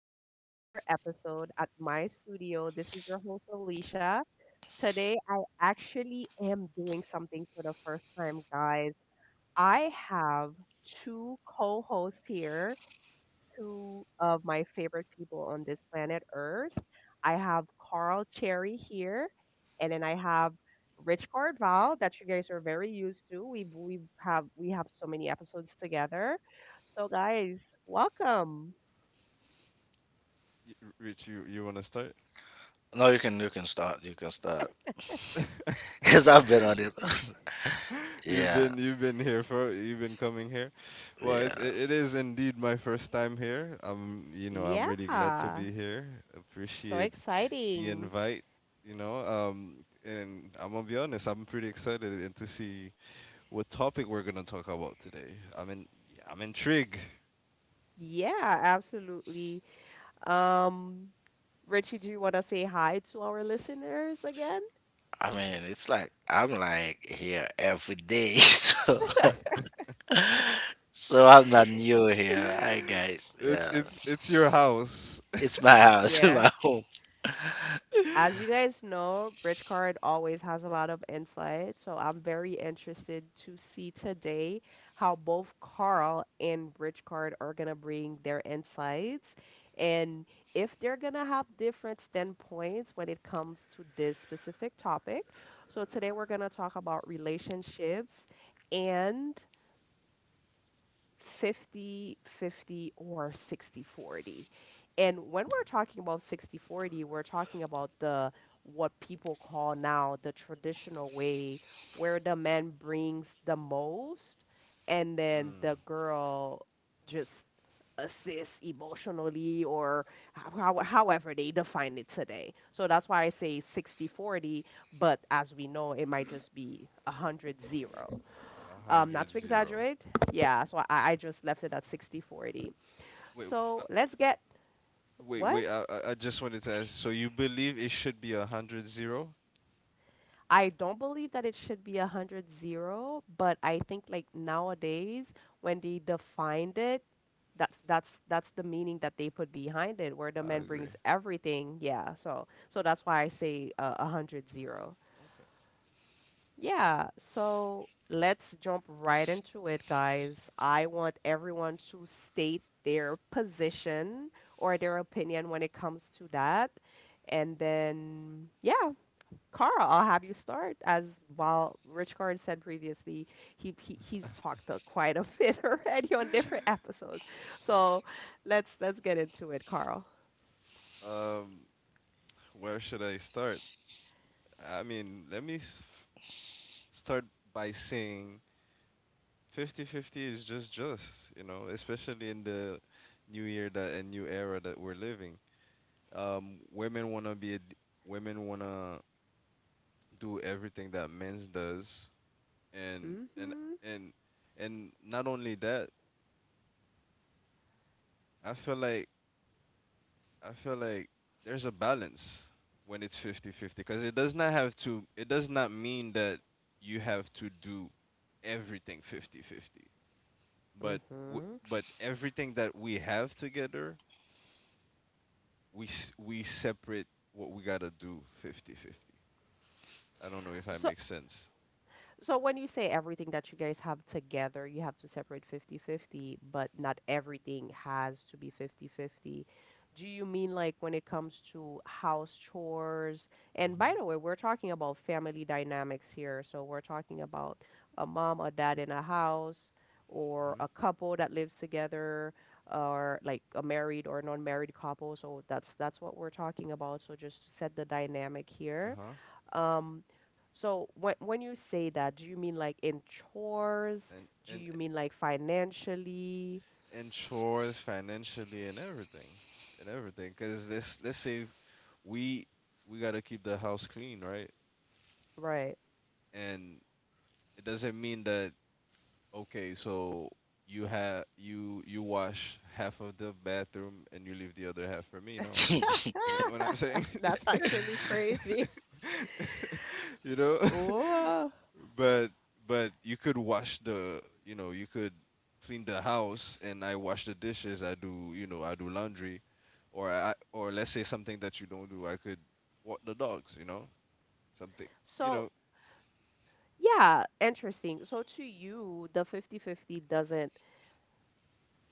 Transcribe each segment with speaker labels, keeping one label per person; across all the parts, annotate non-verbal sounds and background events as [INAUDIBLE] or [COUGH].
Speaker 1: to another episode at my studio. This is your host, Alicia. Today, I actually am doing something for the first time, guys. I have two co hosts here, two of my favorite people on this planet Earth. I have Carl Cherry here, and then I have Rich Cordval that you guys are very used to. We have so many episodes together. So guys, welcome.
Speaker 2: Rich, you want to start?
Speaker 3: No, you can start. You can start. [LAUGHS] Cause I've been on it. [LAUGHS]
Speaker 2: [LAUGHS] You've
Speaker 3: Yeah,
Speaker 2: been you've been here for you've been coming here. Well, it's
Speaker 3: yeah.
Speaker 2: it, it is indeed my first time here. I'm really glad to
Speaker 1: Yeah,
Speaker 2: be here.
Speaker 1: so
Speaker 2: Appreciate the
Speaker 1: exciting.
Speaker 2: invite. And I'm gonna be honest, I'm pretty excited and to see what topic we're gonna talk about today. I'm in, yeah, I'm intrigued.
Speaker 1: Yeah, absolutely. Um, Richie, do you want to say hi to our listeners again?
Speaker 3: I mean, it's like I'm like here every day, [LAUGHS] so I'm not new here. Hi
Speaker 2: [LAUGHS]
Speaker 3: guys.
Speaker 2: It's
Speaker 3: Yeah,
Speaker 2: it's it's your house. [LAUGHS]
Speaker 3: it's my house, [LAUGHS]
Speaker 1: Yeah.
Speaker 3: my home.
Speaker 1: As you guys know, Rich Card always has a lot of insight, so I'm very interested to see today how both Carl and Rich Card are gonna bring their insights and if they're gonna have different standpoints when it comes to this specific topic. So today we're gonna talk about relationships and 50-50 or 60-40, and when we're talking about 60-40, we're talking about the what people call now the traditional way, where the man brings the most and then
Speaker 2: Mm,
Speaker 1: the girl just assists emotionally or how, however they define it today. So that's why I say sixty-forty, but as we know, it might just be 100-0.
Speaker 2: a
Speaker 1: Not
Speaker 2: hundred
Speaker 1: to
Speaker 2: zero.
Speaker 1: exaggerate. Yeah, so I just left it at 60-40.
Speaker 2: Wait.
Speaker 1: So let's get,
Speaker 2: Wait,
Speaker 1: what?
Speaker 2: wait. I just wanted to ask. So you believe it should be 100-0?
Speaker 1: I don't believe that it should be 100-0, but I think like nowadays when they defined it, that's the meaning that they put behind it, where the
Speaker 2: I
Speaker 1: man
Speaker 2: agree.
Speaker 1: brings everything. Yeah, so that's why I say 100.
Speaker 2: Okay.
Speaker 1: Yeah, so let's jump right into it, guys. I want everyone to state their position or their opinion when it comes to that. And then, yeah, Carl, I'll have you start. As while Rich Card said previously, he's talked quite a [LAUGHS] bit already on different episodes. So let's get into it, Carl.
Speaker 2: Um, where should I start? I mean, let me start by saying 50 50 is just, especially in the new year that and new era that we're living. Women wanna be a d Women wanna do everything that men's does, and and
Speaker 1: Mm-hmm.
Speaker 2: and and not only that, I feel like I feel like there's a balance when it's 50-50, because it does not mean that you have to do everything 50-50. but w-
Speaker 1: Mm-hmm.
Speaker 2: but everything that we have together we separate what we got to do 50-50. I don't know if I
Speaker 1: So
Speaker 2: make sense.
Speaker 1: So when you say everything that you guys have together, you have to separate 50-50, but not everything has to be 50-50. Do you mean like when it comes to house chores? And by
Speaker 2: Mhm.
Speaker 1: the way, we're talking about family dynamics here. So we're talking about a mom, a dad in a house, or
Speaker 2: Mhm.
Speaker 1: a couple that lives together, or like a married or non-married couple. So that's what we're talking about. So just to set the dynamic here.
Speaker 2: Uh-huh.
Speaker 1: Um, so when you say that, do you mean like in chores?
Speaker 2: and
Speaker 1: Do
Speaker 2: and
Speaker 1: you mean like financially?
Speaker 2: and chores financially and everything cuz let's say we we got to keep the house clean, right.
Speaker 1: Right.
Speaker 2: And it doesn't mean that, okay, so you have you you wash half of the bathroom and you leave the other half for me. No, you know what
Speaker 1: [LAUGHS]
Speaker 2: I'm saying.
Speaker 1: That's actually crazy.
Speaker 2: [LAUGHS] you know,
Speaker 1: Oh.
Speaker 2: [LAUGHS] but but you could wash the, you could clean the house and I wash the dishes. I do, I do laundry, or I or let's say something that you don't do. I could walk the dogs. You know something. You
Speaker 1: So,
Speaker 2: know.
Speaker 1: yeah, interesting. So to you, the 50-50 doesn't.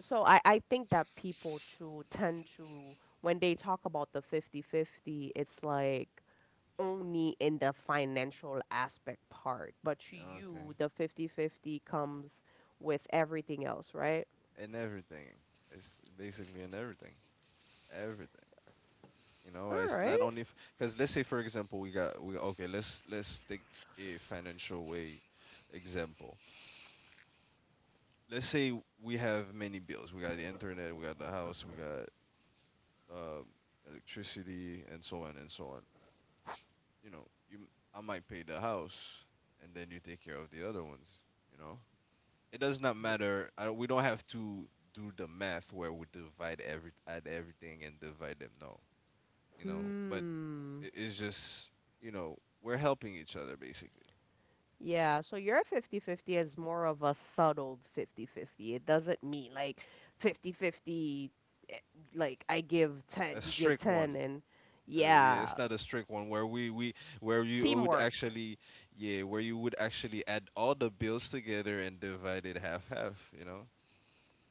Speaker 1: So I think that people too tend to when they talk about the 50-50, it's like only in the financial aspect part, but to you,
Speaker 2: Okay.
Speaker 1: the 50-50 comes with everything else, right?
Speaker 2: In everything. It's basically in everything, everything.
Speaker 1: All
Speaker 2: It's not
Speaker 1: right.
Speaker 2: only, because let's say for example we got we okay. Let's take a financial way example. Let's say we have many bills. We got the internet, we got the house, we got um, electricity, and so on and so on. You know, you I might pay the house, and then you take care of the other ones. You know, it does not
Speaker 1: R-
Speaker 2: matter. I don't, We don't have to do the math where we divide every add everything and divide them. No, you know, but
Speaker 1: Hmm.
Speaker 2: it's just, we're helping each other basically.
Speaker 1: Yeah, so your 50-50 is more of a subtle 50-50. It doesn't mean like 50-50, eh, like I give 10,
Speaker 2: A
Speaker 1: you give
Speaker 2: strict
Speaker 1: 10,
Speaker 2: one.
Speaker 1: and
Speaker 2: Yeah,
Speaker 1: yeah,
Speaker 2: it's not a strict one where we where you would
Speaker 1: teamwork.
Speaker 2: actually, yeah, where you would actually add all the bills together and divide it half half, you know?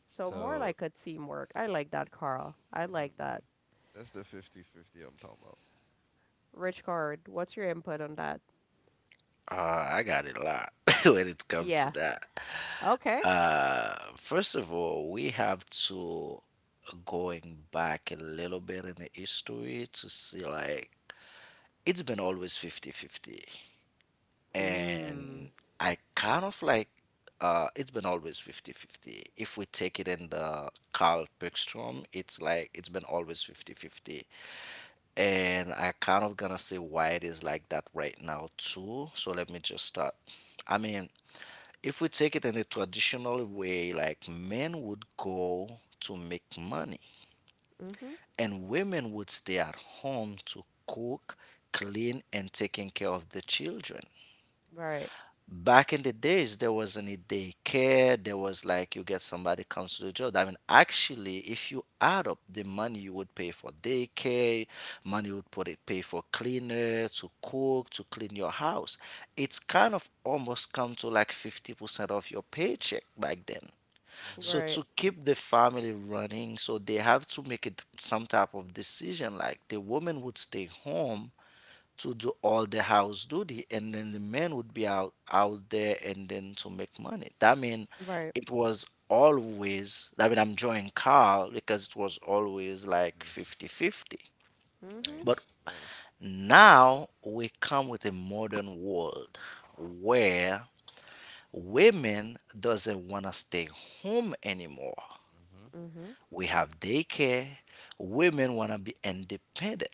Speaker 1: So more
Speaker 2: So,
Speaker 1: like a teamwork. I like that, Carl. I
Speaker 2: mhm,
Speaker 1: like that.
Speaker 2: mhm. that's the 50 50 I'm talking about.
Speaker 1: Rich Card, what's your input on that?
Speaker 3: I got a lot [LAUGHS] when it comes to
Speaker 1: Yeah.
Speaker 3: that.
Speaker 1: Okay.
Speaker 3: First of all, we have to going back a little bit in the history to see like it's been always fifty-fifty.
Speaker 1: Hmm.
Speaker 3: And I kind of like it's been always fifty-fifty. If we take it in the Carl Bergstrom, it's like it's been always fifty-fifty. And I kind of gonna say why it is like that right now too. So let me just start. I mean, if we take it in a traditional way, like men would go to make money
Speaker 1: Mhm.
Speaker 2: Mhm,
Speaker 3: and women would stay at home to cook, clean and taking care of the children.
Speaker 1: Right.
Speaker 3: Back in the days there wasn't a daycare, there was like you get somebody comes to the job. I mean actually if you add up the money you would pay for daycare, money you would put it pay for cleaner to cook to clean your house, it's kind of almost come to like 50% of your paycheck back then. So
Speaker 2: mhm,
Speaker 1: Right.
Speaker 3: to keep the family running, so they have to make it some type of decision like the woman would stay home to do all the house duty, and then the man would be out there and then to make money. That mean
Speaker 1: Right.
Speaker 3: it was always, I mean, I'm drawing Carl, because it was always
Speaker 2: mhm.
Speaker 3: like
Speaker 2: Nice.
Speaker 3: fifty-fifty.
Speaker 1: Mhm.
Speaker 3: But
Speaker 2: Nice. Nice.
Speaker 3: now we come with a modern world where women doesn't want to stay home anymore.
Speaker 2: Mhm,
Speaker 1: Mhm.
Speaker 3: We have daycare. Women want to be independent.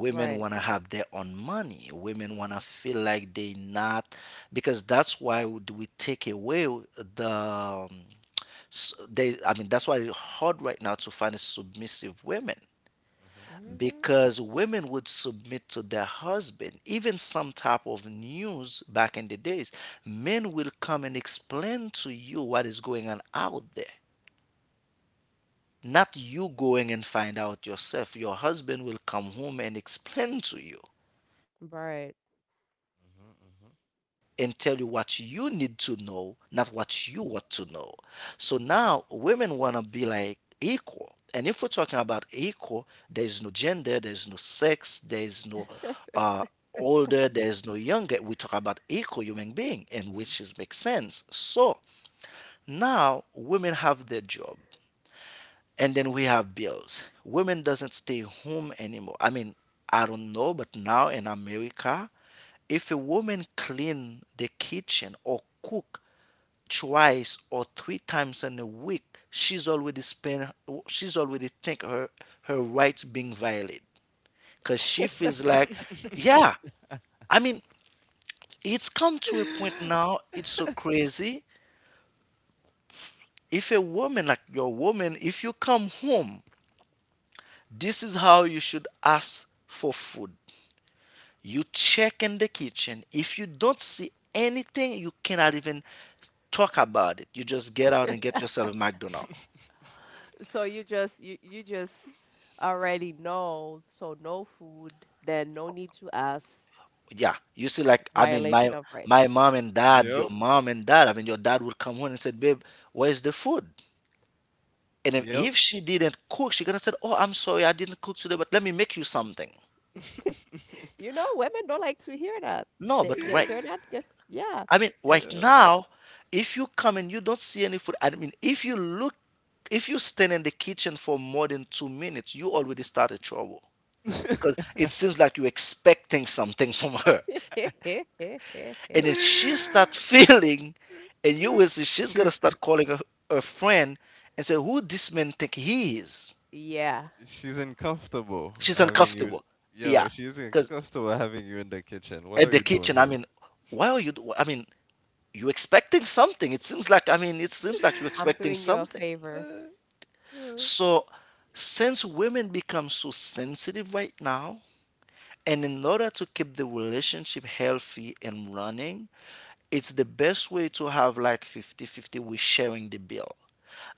Speaker 1: Right.
Speaker 3: want to have their own money. Women want to
Speaker 2: mhm,
Speaker 3: feel like they not, because that's why would we take away the s- they I mean that's why it's hard right now to find a submissive women.
Speaker 2: mhm,
Speaker 1: Mhm.
Speaker 3: Because women would submit to their husband even some type of news. Back in the days men will come and explain to you what is going on out there, not you going and find out yourself. Your husband will come home and explain to you and tell you
Speaker 1: Right.
Speaker 3: what you need to know, not what you want to know. So now women want to be like equal. And if we're talking about equal, there is no gender, there is no sex, there is no uh, older, there is no younger. We talk about equal human being, and
Speaker 2: mhm,
Speaker 3: which is makes sense. So now women have their job, and then we have bills. Women doesn't stay home anymore. I mean, I don't know, but now in America, if a woman clean the kitchen or cook twice or three times in a week, she's already spend she's already think her rights being violated because she feels like,
Speaker 2: mhm,
Speaker 3: yeah. I mean, it's come to a point
Speaker 2: mhm,
Speaker 3: now, it's so
Speaker 2: mhm. [LAUGHS]
Speaker 3: crazy. If a woman, like your woman, if you come home, this is how you should ask for food. You check in the kitchen, if you don't see anything you cannot even talk about it. You just get out and get
Speaker 1: [LAUGHS]
Speaker 3: yourself a McDonald's.
Speaker 2: [LAUGHS]
Speaker 1: So you just already know. So no food, then no need to ask.
Speaker 3: Yeah, you see, like, I mean, my
Speaker 1: Violation of right.
Speaker 3: my mom and dad,
Speaker 2: Yep.
Speaker 3: your mom and dad. I mean, your dad would come home and said, "Babe, where's the food?" And if,
Speaker 2: Yep.
Speaker 3: if she didn't cook, she gonna said, "Oh, I'm sorry, I didn't cook today, but let me make you something."
Speaker 1: [LAUGHS]
Speaker 2: [LAUGHS]
Speaker 1: You know, women don't like to hear that.
Speaker 3: No,
Speaker 1: They
Speaker 3: but
Speaker 1: they
Speaker 3: right.
Speaker 1: they're not good. Yeah.
Speaker 3: I mean,
Speaker 1: They're.
Speaker 3: right
Speaker 2: Yeah.
Speaker 3: now, if you come and you don't see any food, I mean, if you look, if you stand in the kitchen for more than 2 minutes, you already started trouble because it
Speaker 2: [LAUGHS]
Speaker 3: seems like you're expecting something [LAUGHS] from her. And then
Speaker 1: [LAUGHS]
Speaker 3: she start feeling, and you will see she's gonna
Speaker 2: She's
Speaker 3: start calling her, friend, and say, "Who this man think he is?"
Speaker 1: Yeah.
Speaker 2: she's uncomfortable
Speaker 3: She's
Speaker 2: having you.
Speaker 3: uncomfortable.
Speaker 2: Yo,
Speaker 3: Yeah,
Speaker 2: she's
Speaker 3: because
Speaker 2: uncomfortable having you in the kitchen. What
Speaker 3: at
Speaker 2: are
Speaker 3: the
Speaker 2: you doing
Speaker 3: kitchen, I
Speaker 2: here?
Speaker 3: mean, why are you? You expecting something? It seems like, it seems like you're
Speaker 1: I'm
Speaker 2: [LAUGHS]
Speaker 3: expecting
Speaker 1: doing you a
Speaker 3: something.
Speaker 1: favor.
Speaker 2: Uh, yeah.
Speaker 3: So, since women become so sensitive right now, and in order to keep the relationship healthy and running, it's the best way to have like fifty-fifty we with sharing the bill.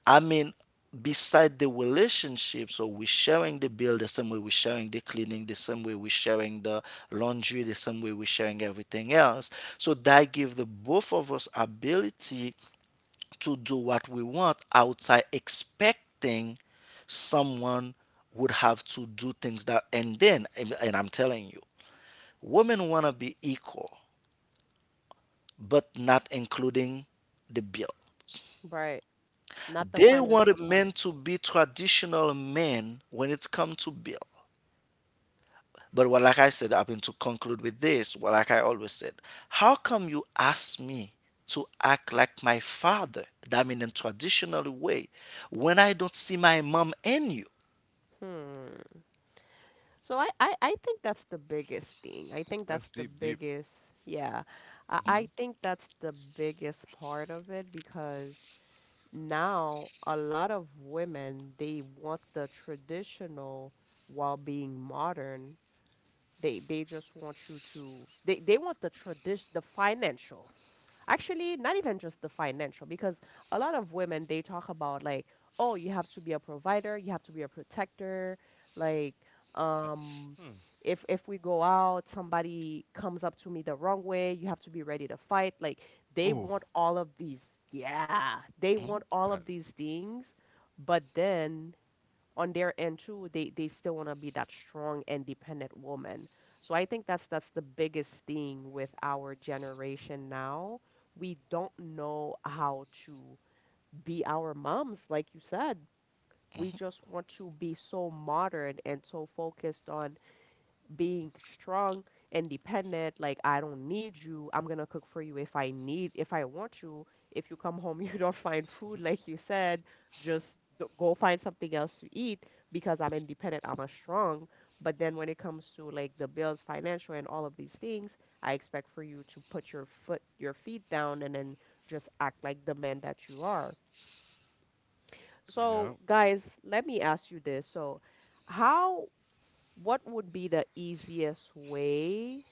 Speaker 3: I mean, beside the relationship, so we're sharing the bill the same way we're sharing the cleaning, the same way we're sharing the laundry, the same way we're sharing everything else. So that gives the both of us ability to do what we want outside expecting someone would have to do things that, and then and I'm telling you, women wanna be equal, but not including the bill.
Speaker 1: Right. Not the
Speaker 3: They wanted
Speaker 1: financial part.
Speaker 3: men to be traditional men when it come to bill. But what, like I said, I mean, to conclude with this, what like I always said, how come you ask me to act like my father? That mean in traditional way, when I don't see my mom in you.
Speaker 1: Hmm. So I think that's the biggest thing. I think that's
Speaker 2: That's
Speaker 1: the
Speaker 2: deep, deep.
Speaker 1: biggest, yeah. I,
Speaker 2: Mm-hmm.
Speaker 1: I think that's the biggest part of it, because now a lot of women, they want the traditional while being modern. They just want you to they want the tradition, the financial. Actually, not even just the financial, because a lot of women, they talk about like, oh, you have to be a provider, you have to be a protector. Like,
Speaker 2: Uh,
Speaker 1: um,
Speaker 2: Hmm.
Speaker 1: if we go out, somebody comes up to me the wrong way, you have to be ready to fight. Like, they
Speaker 2: Oh.
Speaker 1: want all of these. Yeah, they
Speaker 3: Mhm,
Speaker 1: want all
Speaker 2: Uh,
Speaker 1: of these things, but then on their end too they still want to be that strong independent woman. So I think that's the biggest thing with our generation now. We don't know how to be our moms, like you said. We
Speaker 3: mhm,
Speaker 1: just want to be so modern and so focused on being strong, independent, like I don't need you. I'm gonna cook for you if I need, if I want you. If you come home, [LAUGHS] you don't find food,
Speaker 2: [LAUGHS]
Speaker 1: like you said, just go find something else to eat because I'm independent, I'm a strong. But then when it comes to like the bills, financial, and all of these things, I expect for you to put your foot, your feet down, and then just act like the man that you are.
Speaker 2: Yeah.
Speaker 1: So, guys, let me ask you this. So, how, what would be the easiest way,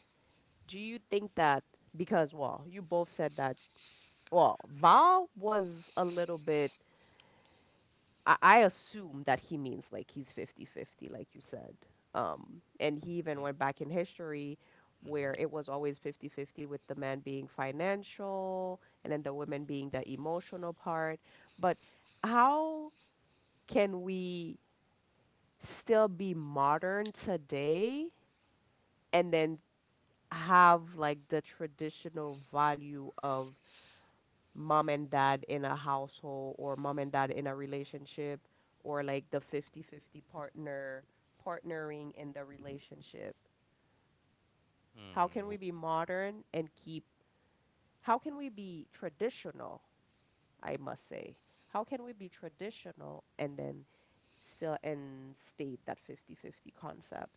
Speaker 1: do you think, that, because, well, you both said that, well, Val was a little bit, I assume that he means like he's 50 50 like you said. And he even went back in history
Speaker 2: Mm-hmm.
Speaker 1: where it was always 50 50, with the man being financial and then the women being the emotional part. But how can we still be modern today and then have like the traditional value of mom and dad in a household, or mom and dad in a relationship, or like the 50-50 partner partnering in the relationship? How can
Speaker 2: Hmm.
Speaker 1: we be modern and keep, how can we be traditional, I must say, how can we be traditional and then still and state that 50-fifty 50 concept?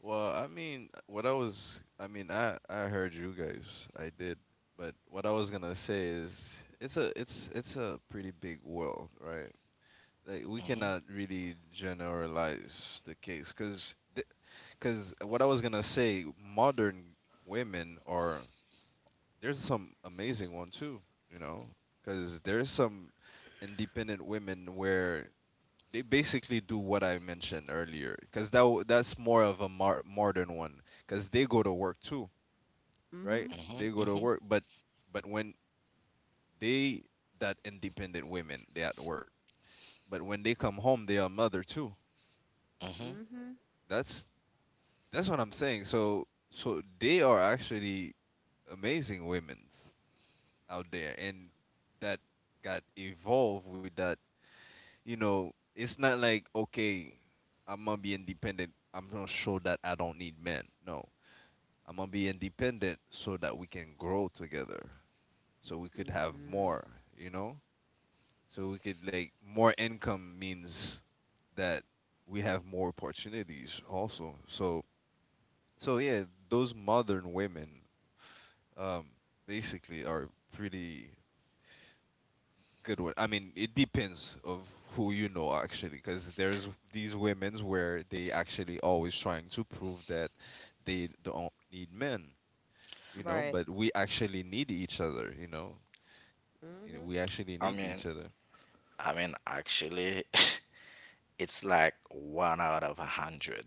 Speaker 2: Well, I mean, what I was, I mean, I heard you guys, I did, but what I was gonna say is, it's a pretty big world, right? Like we
Speaker 3: mhm,
Speaker 2: cannot really generalize the case, cause what I was gonna say, modern women are there's some amazing one too, you know, cause there's some independent women where they basically do what I mentioned earlier, because that's more of a modern one, because they go to work too, right?
Speaker 1: Mhm.
Speaker 3: mhm,
Speaker 2: They go to
Speaker 3: mhm,
Speaker 2: work, but when they that independent women, they at work, but when they come home, they are mother too.
Speaker 3: mhm.
Speaker 1: Mhm.
Speaker 2: That's that's what I'm saying. So they are actually amazing women out there, and that got evolved with that. It's not like okay, I'm gonna be independent. I'm gonna show that I don't need men. No, I'm gonna be independent so that we can grow together. So we could have
Speaker 1: Mhm.
Speaker 2: more, you know? So we could like more income means that we have more opportunities also. So yeah, those modern women um basically are pretty good with, I mean, it depends of who you know actually cuz there's these women's where they actually always trying to prove that they don't need men,
Speaker 1: Right.
Speaker 2: but we actually need each other, you know,
Speaker 1: Mhm.
Speaker 2: we actually
Speaker 3: I
Speaker 2: need
Speaker 3: mean,
Speaker 2: each other.
Speaker 3: I mean, actually, [LAUGHS] it's like one out of a hundred.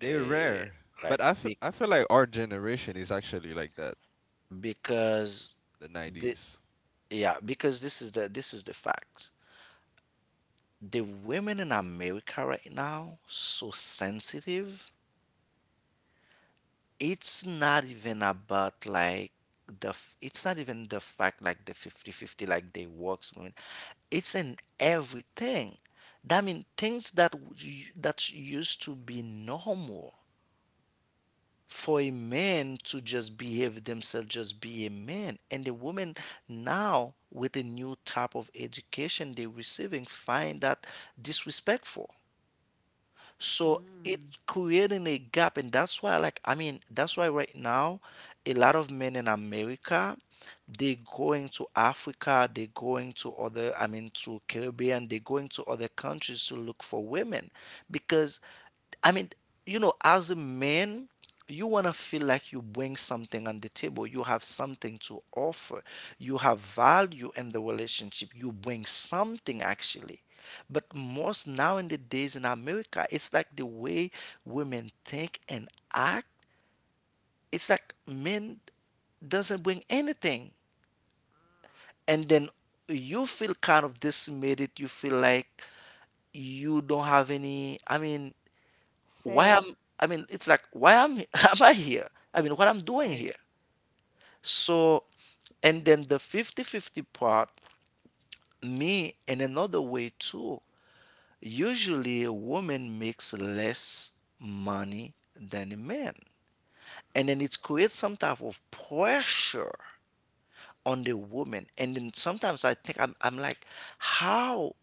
Speaker 2: They're
Speaker 3: Eh,
Speaker 2: rare,
Speaker 3: like
Speaker 2: but I feel,
Speaker 3: be,
Speaker 2: I feel like our generation is actually like that,
Speaker 3: because
Speaker 2: the
Speaker 3: the
Speaker 2: 90s.
Speaker 3: yeah, because this is the facts. The women in America right now so sensitive. It's not even about like it's not even the fact like the fifty fifty like they works women. It's in everything. That mean things that that used to be normal for a man to just behave themselves, just be a man. And the women now, with the new type of education they're receiving, find that disrespectful. So it
Speaker 1: Mm.
Speaker 3: creating a gap, and that's why, like, I mean, that's why right now, a lot of men in America, they're going to Africa, they're going to other, I mean, to Caribbean, they're going to other countries to look for women. Because, I mean, you know, as a man, you want to feel like you bring something on the table. You have something to offer. You have value in the relationship. You bring something actually. But most now in the days in America, it's like the way women think and act. It's like men doesn't bring anything. And then you feel kind of decimated. You feel like you don't have any. I mean, why
Speaker 1: Say.
Speaker 3: am it's like why am [LAUGHS] am I here? I mean what I'm doing
Speaker 1: Right.
Speaker 3: here. So and then the fifty-fifty part, me in another way too. Usually a woman makes less money than a man.
Speaker 1: Mhm.
Speaker 3: And then it creates some type of pressure on the woman. And then sometimes I think, I'm like, how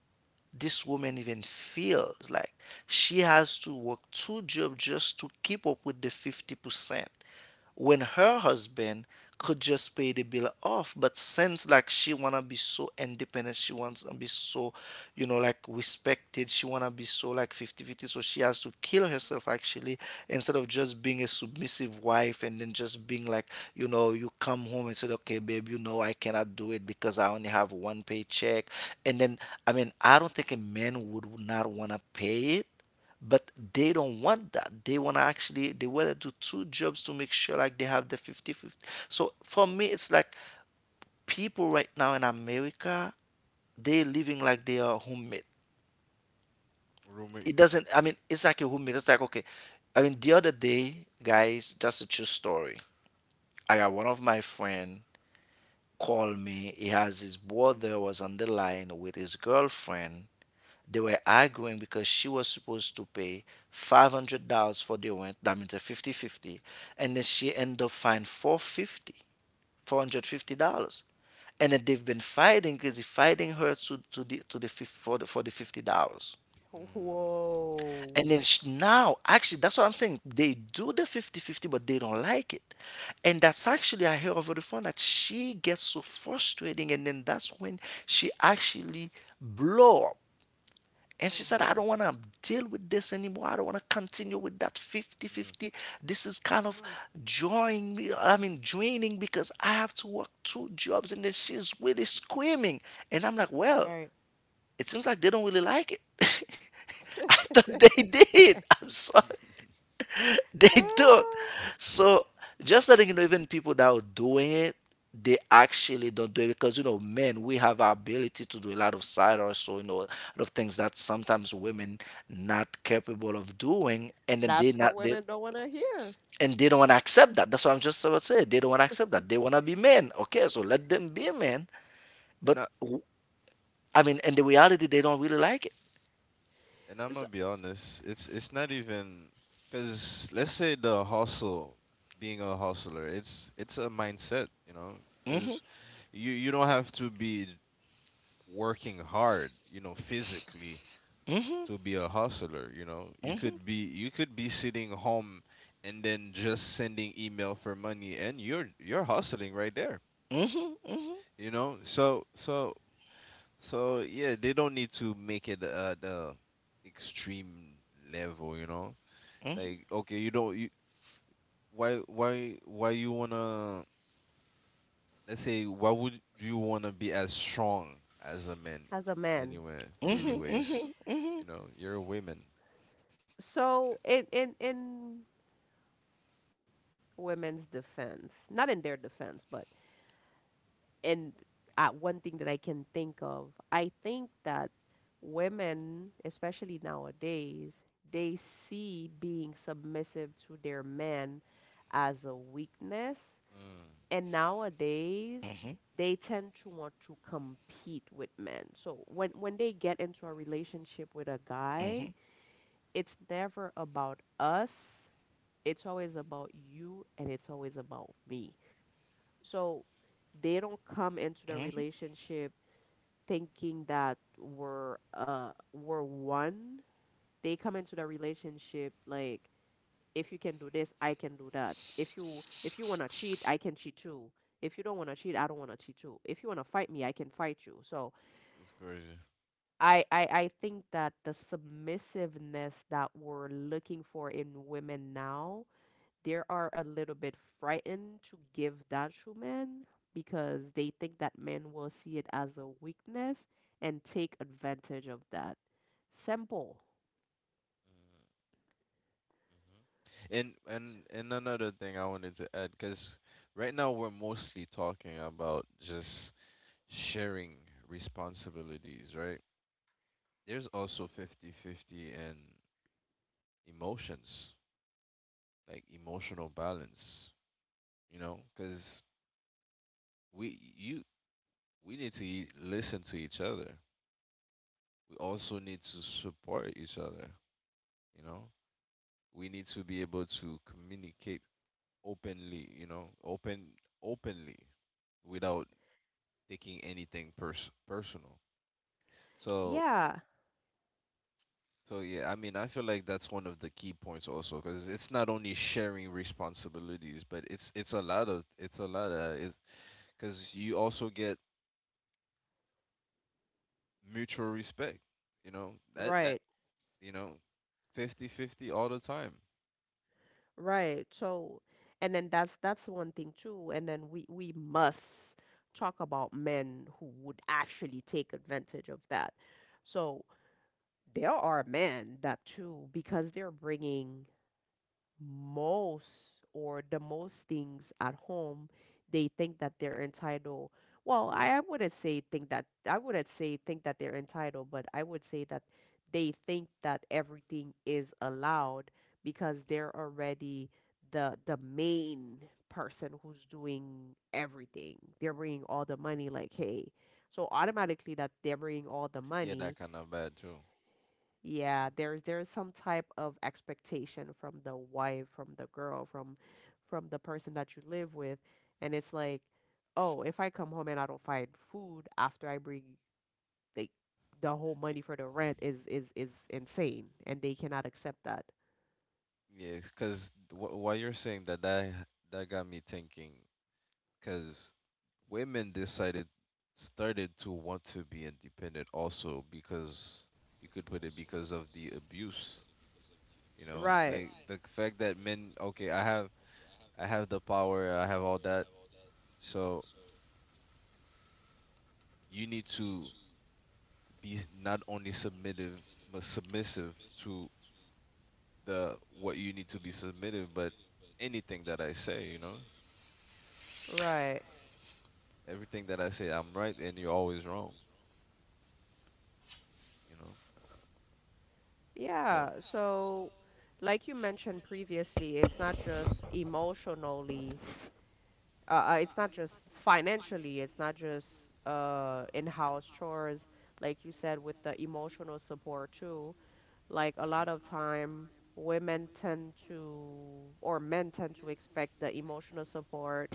Speaker 3: this woman even feels like she has to work two jobs just to keep up with the 50%, when her husband could just pay the bill off. But since like she wanna be so independent, she wants to be so, you know, like respected, she wanna be so like fifty-fifty. So she has to kill herself actually, instead of just being a submissive wife and then just being like, you know, you come home and said, "Okay, babe, you know, I cannot do it because I only have one paycheck." And then, I mean, I don't think a man would not wanna pay it, but they don't want that, they want to actually, they want to do two jobs to make sure like they have the fifty-fifty. So for me it's like people right now in America they're living like they are homemade. It
Speaker 1: Mhm.
Speaker 2: Roommates.
Speaker 3: doesn't, I mean, it's like a homemade, it's like, okay, I mean, the other day, guys, just a true story, I got one of my friend call me, he has his brother was on the line with his girlfriend. They were arguing because she was supposed to pay $500 for the rent. That means a fifty-fifty. And then she ended up fine 450, $450. And then they've been fighting because they fighting her for the $50.
Speaker 1: Whoa.
Speaker 3: And then now, actually, that's what I'm saying. They do the fifty-fifty, but they don't like it. And that's actually, I hear over the phone that she gets so frustrating, and then that's when she actually blow. And she
Speaker 1: Mm,
Speaker 3: said, "I don't want to deal with this anymore. I don't want to continue with that
Speaker 2: Mm,
Speaker 3: fifty-fifty. This is kind of
Speaker 1: mm,
Speaker 3: drawing me, I mean, draining, because I have to work two jobs." And then she's really screaming. And I'm like, well,
Speaker 1: right.
Speaker 3: it seems like they don't really like it. [LAUGHS] I thought
Speaker 1: [LAUGHS]
Speaker 3: they [LAUGHS] did. I'm
Speaker 2: mm.
Speaker 3: sorry. [LAUGHS] They don't.
Speaker 1: Ah,
Speaker 3: So just letting you know, even people that are doing it, they actually don't do it because you know, men, we have our ability to do a lot of side hustle, a lot of things that sometimes women not capable of doing, and then they
Speaker 1: that's
Speaker 3: not
Speaker 1: what
Speaker 3: they
Speaker 1: women don't want to hear.
Speaker 3: and they don't want to accept that. That's what I'm just about to say. They don't want to accept that. They want to be men. Okay, so let them be a man.
Speaker 2: [LAUGHS] and
Speaker 3: But
Speaker 2: I
Speaker 3: in the reality, they don't really like it.
Speaker 2: and I'm
Speaker 1: So,
Speaker 2: gonna be honest, it's not even because let's say the hustle, being a hustler, it's a mindset, you know, because you don't have to be working hard, you know, physically to be a hustler, you know. You could be sitting home and then just sending email for money and you're hustling right there. You know? So yeah, they don't need to make it at the extreme level, you know? Like okay, you don't you why you wanna, let's say why would you wanna be as strong as a man
Speaker 1: as a man,
Speaker 2: anyway
Speaker 1: hmm.
Speaker 2: anyways? You're a woman.
Speaker 1: So in women's defense, not in their defense, but in one thing that I can think of, I think that women, especially nowadays, they see being submissive to their men as a weakness,
Speaker 2: Mm,
Speaker 1: and
Speaker 3: Mm-hmm,
Speaker 1: nowadays they tend to want to compete with men. So when they get into a
Speaker 3: mm-hmm,
Speaker 1: relationship with a guy, it's never about us, it's always about you and it's always about me. So they
Speaker 3: mm-hmm.
Speaker 1: don't come into the relationship thinking that we're one. They come into the relationship like, if you can do this, I can do that. If you want to cheat, I can cheat too. If you don't want to cheat, I don't want to cheat too. If you want to fight me, I can fight you. So
Speaker 2: that's crazy. Mm.
Speaker 1: I think that the submissiveness that we're looking for in women now, they are a little bit frightened to give that to men because they think that men will see it as a weakness and take advantage of that. Simple.
Speaker 2: And another thing I wanted to add, because right now we're mostly talking about just sharing responsibilities, right? There's also 50-50 and emotions, like emotional balance, you know, because we you we need to listen to
Speaker 3: Oh,
Speaker 2: each other. We also need to support each
Speaker 3: vamos a
Speaker 2: other,
Speaker 3: join.
Speaker 2: you know.
Speaker 3: Vamos a
Speaker 2: We
Speaker 3: montar
Speaker 2: need
Speaker 3: sobre
Speaker 2: to
Speaker 3: la
Speaker 2: be able to communicate openly, openly without taking anything personal. So
Speaker 1: Yeah,
Speaker 2: so yeah, I mean, I feel like that's one of the key points also, because it's not only sharing responsibilities, but it's a lot of, because you also get mutual respect. You know that
Speaker 1: right.
Speaker 2: you know 50 50 all the time.
Speaker 1: Right. So, and then that's one thing too. And then we must talk about men who would actually take advantage of that. So there are men that too, because they're bringing most or the most things at home, they think that they're entitled. Well, I wouldn't say think that I wouldn't say think that they're entitled, but I would say that they think that everything is allowed because they're already the main person who's doing everything. They're bringing all the money, like hey, so automatically that they're bringing all the
Speaker 2: Yeah,
Speaker 1: money.
Speaker 2: that kind of bad too.
Speaker 1: Yeah,
Speaker 2: Mhm.
Speaker 1: there's some type of expectation from the wife, from the girl, from the person that you live with, and it's like, oh, if I come home and I don't find food after I bring like the whole
Speaker 2: Y-
Speaker 1: money for the rent is insane, and they cannot accept that.
Speaker 2: Yeah, because while you're saying that, that got me thinking. Because women decided started to want to be independent also, because you could put it because of the abuse,
Speaker 1: Right,
Speaker 2: like the fact that men okay, I have the power, I have all that, so you need to be, not only submissive, but submissive to the, what you need to be submissive but anything that I say,
Speaker 1: right.
Speaker 2: everything that I say, I'm right and you're always wrong, you know so.
Speaker 1: Yeah. So, like you mentioned previously, it's not just emotionally, it's not just financially, it's not just in-house chores, like you said, with the emotional support too. Like a lot of time, women tend to, or men tend to expect the emotional support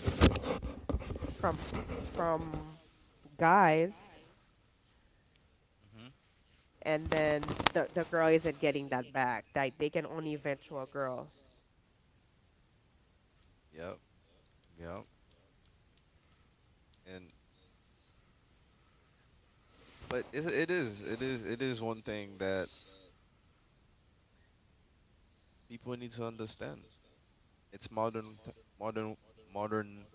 Speaker 1: from from guys,
Speaker 2: Hmm, hmm.
Speaker 1: and then the girl isn't getting that back. Like they can only vent to a girl.
Speaker 2: Yeah, yeah. And but it is one thing that people need to understand. It's modern modern modern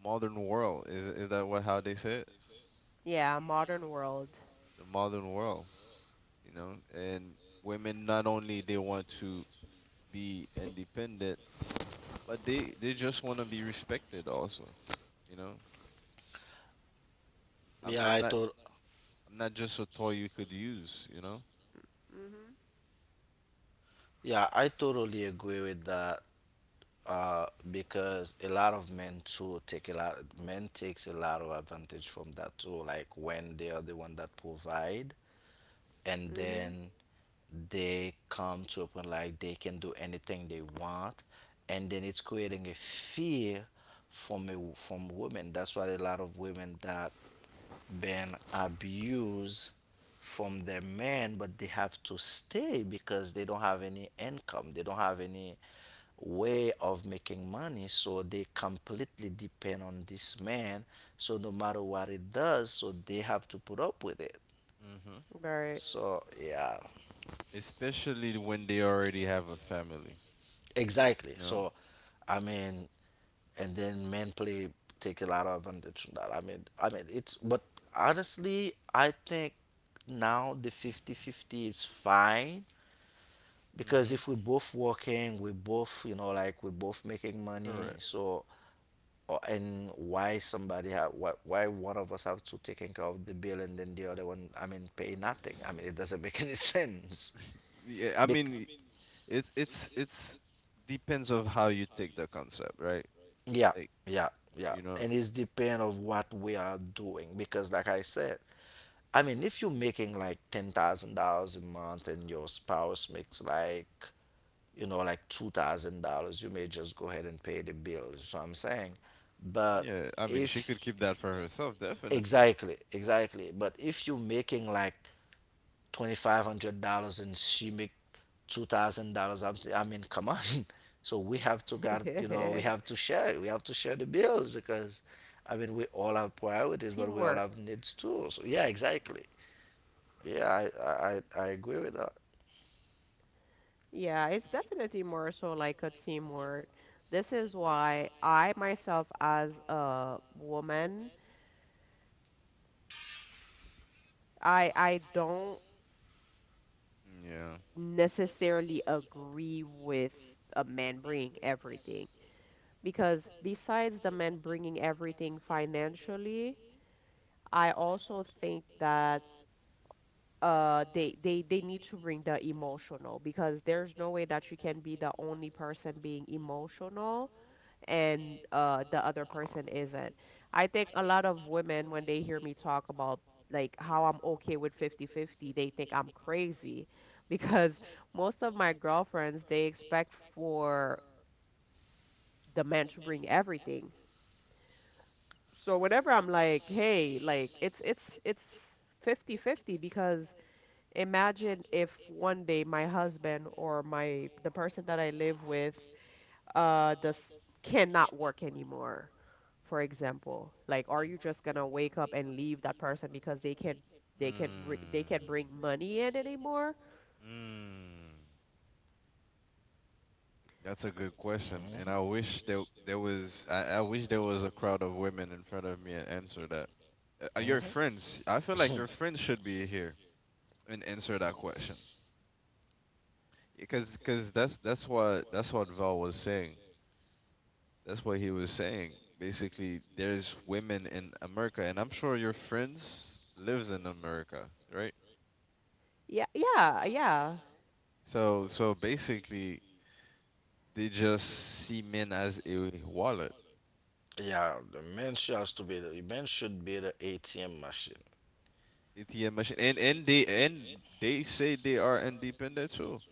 Speaker 2: modern world. Is that what how they say it?
Speaker 1: Yeah, modern world.
Speaker 2: The modern world, you know? And women not only they want to be independent, but they just want to be respected also, you know? I'm
Speaker 3: Yeah,
Speaker 2: I'm
Speaker 3: I
Speaker 2: not
Speaker 3: to-
Speaker 2: I'm not just a toy you could use, you know?
Speaker 1: Mhm.
Speaker 3: yeah, I totally agree with that. Because a lot of men too take a lot. Men takes a lot of advantage from that too. Like when they are the one that provide, and
Speaker 1: Mhm.
Speaker 3: then they come to a point like they can do anything they want, and then it's creating a fear from women. That's why a lot of women that been abused from their men, but they have to stay because they don't have any income. They don't have any way of making money. So they completely depend on this man. So no matter what it does, so they have to put up with it.
Speaker 2: hmm
Speaker 1: Right.
Speaker 3: So yeah,
Speaker 2: Especially when they already have a family,
Speaker 3: exactly.
Speaker 2: you know?
Speaker 3: So I mean, and then men play take a lot of advantage from that. I mean it's but honestly, I think now the 50 50 is fine because
Speaker 2: Hmm.
Speaker 3: if we both working, we both, you know, like we both making money.
Speaker 2: Correct.
Speaker 3: So, or, and why somebody have why one of us have to taking care of the bill and then the other one, I mean, pay nothing. I mean, it doesn't make any [LAUGHS] sense.
Speaker 2: [LAUGHS] Yeah, I
Speaker 3: Bec-
Speaker 2: mean, It's depends of how you take the concept, right?
Speaker 3: yeah,
Speaker 2: Like,
Speaker 3: yeah, yeah.
Speaker 2: you know,
Speaker 3: And it's depend of what we are doing because, like I said, I mean, if you're making like $10,000 a month and your spouse makes like like $2,000, you may just go ahead and pay the bills. So I'm saying, but
Speaker 2: yeah. I mean,
Speaker 3: if
Speaker 2: she could
Speaker 3: She
Speaker 2: keep that
Speaker 3: could keep
Speaker 2: for
Speaker 3: that for
Speaker 2: herself,
Speaker 3: herself.
Speaker 2: definitely.
Speaker 3: Exactly, exactly, but if you're making like $2,500 and she make $2,000, I mean, come on. [LAUGHS] So we have to got, you know, we
Speaker 1: [LAUGHS]
Speaker 3: have to share it. We have to share the bills because, I mean, we all have priorities, but we all
Speaker 1: Teamwork.
Speaker 3: have needs too. So yeah, exactly. Yeah, I agree with that.
Speaker 1: Yeah, it's definitely more so like a teamwork. This is why I myself, as a woman, I don't
Speaker 2: Yeah.
Speaker 1: necessarily agree with a man bringing everything, because besides the man bringing everything financially, I also think that they need to bring the emotional, because there's no way that you can be the only person being emotional and the other person isn't. I think a lot of women, when they hear me talk about like how I'm okay with 50-50, they think I'm crazy [LAUGHS] because most of my girlfriends, they expect for the man to bring everything. So whenever I'm like, hey, like it's 50-50 because imagine if one day my husband or my the person that I live with does cannot work anymore, for example. Like are you just gonna wake up and leave that person because they
Speaker 2: Mm.
Speaker 1: can't bring money in anymore?
Speaker 2: Mm. That's a good
Speaker 1: S-
Speaker 2: question, and I wish there was a crowd of women in front of me and answer that. Your friends, I feel like
Speaker 3: Mhm.
Speaker 2: your friends should
Speaker 3: [LAUGHS]
Speaker 2: be here and answer that question, because that's what Val was saying. That's what he was saying. Basically, there's women in America, and I'm sure your friends lives in America, right?
Speaker 1: yeah
Speaker 2: So, basically, they just see men as a wallet,
Speaker 3: Yeah, the man should be the ATM machine.
Speaker 2: ATM machine, and they say they are independent too.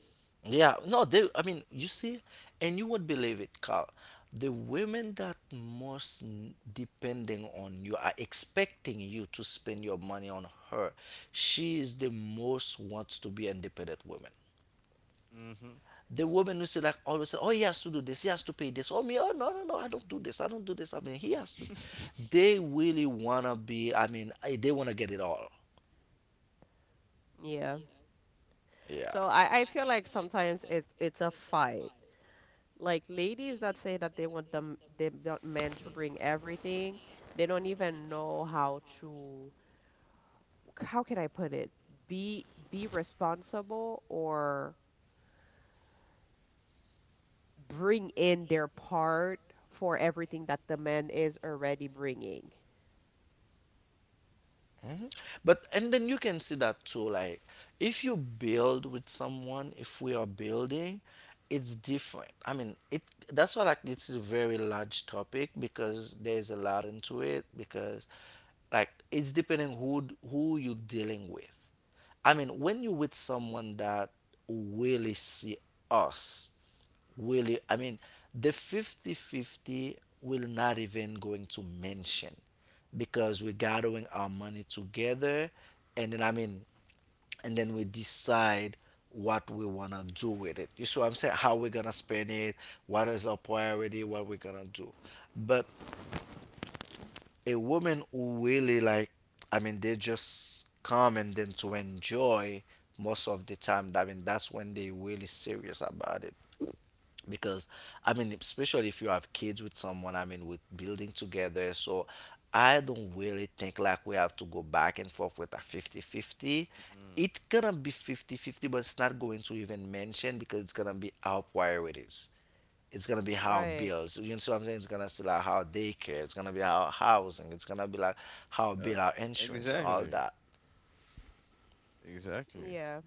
Speaker 3: Yeah, no, they. I mean, you see, and you would believe it, Carl. The women that most depending on you are expecting you to spend your money on her. She is the most wants to be independent woman.
Speaker 2: Mm-hmm.
Speaker 3: The woman who say like always say, oh he has to do this, he has to pay this. Oh me, oh no, I don't do this, I don't do this. I mean he has to
Speaker 2: [LAUGHS]
Speaker 3: they really wanna be they wanna get it all.
Speaker 1: yeah.
Speaker 3: Yeah.
Speaker 1: So I feel like sometimes it's a fight. Like ladies that say that they want them they want men to bring everything, they don't even know how to, how can I put it, be responsible or bring in their part for everything that the man is already bringing.
Speaker 3: Hmm. But and then you can see that too like if you build with someone, if we are building, it's different. I mean it, that's why like this is a very large topic because there's a lot into it because like it's depending who you're dealing with. I mean when you're with someone that really see us, I mean, the 50-50 will not even going to mention because we're gathering our money together and then I mean, and then we decide what we want to do with it. You see what I'm saying? How we're going to spend it, what is our priority, what we're going to do. But a woman who really like, I mean, they just come and then to enjoy most of the time. I mean, that's when they really serious about it. Because I mean, especially if you have kids with someone, I mean, with building together. So I don't really think like we have to go back and forth with a 50-50. It gonna be 50-50, but it's not going to even mention because it's gonna be our priorities. It's gonna be how
Speaker 1: Right.
Speaker 3: bills. You know what I'm saying? It's gonna be like how daycare. It's gonna be how housing. It's gonna be like how
Speaker 2: Mm.
Speaker 3: bill our insurance and all
Speaker 2: Exactly.
Speaker 3: that.
Speaker 2: Exactly.
Speaker 1: Yeah.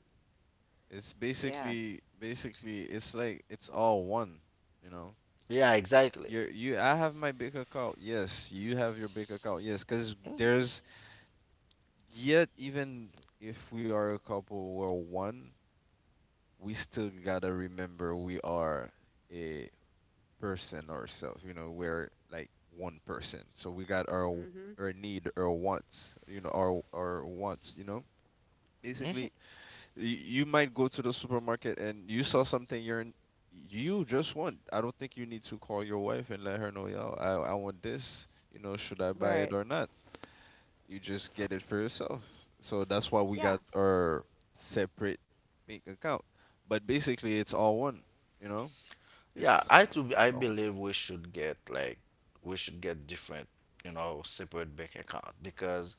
Speaker 2: It's
Speaker 1: Yeah.
Speaker 2: basically, it's like it's all one, you know.
Speaker 3: Yeah, exactly.
Speaker 2: Your you I have my big account. Yes, you have your big account. Yes, because
Speaker 3: Mm-hmm.
Speaker 2: there's yet even if we are a couple or one, we still gotta remember we are a person ourselves. We're like one person. So we got our
Speaker 1: Mhm.
Speaker 2: our need, our wants. Our wants. You know, basically,
Speaker 3: Mm-hmm.
Speaker 2: Y- you might go to the supermarket and you saw something you're in, you just want. I don't think you need to call your wife and let her know, yo, I want this. Should I buy
Speaker 1: Right.
Speaker 2: it or not? You just get it for yourself. So that's why we
Speaker 1: Yeah.
Speaker 2: got our separate bank account. But basically, it's all one. You know, it's it's
Speaker 3: I
Speaker 2: all one.
Speaker 3: believe we should get we should get different, you know, separate bank account because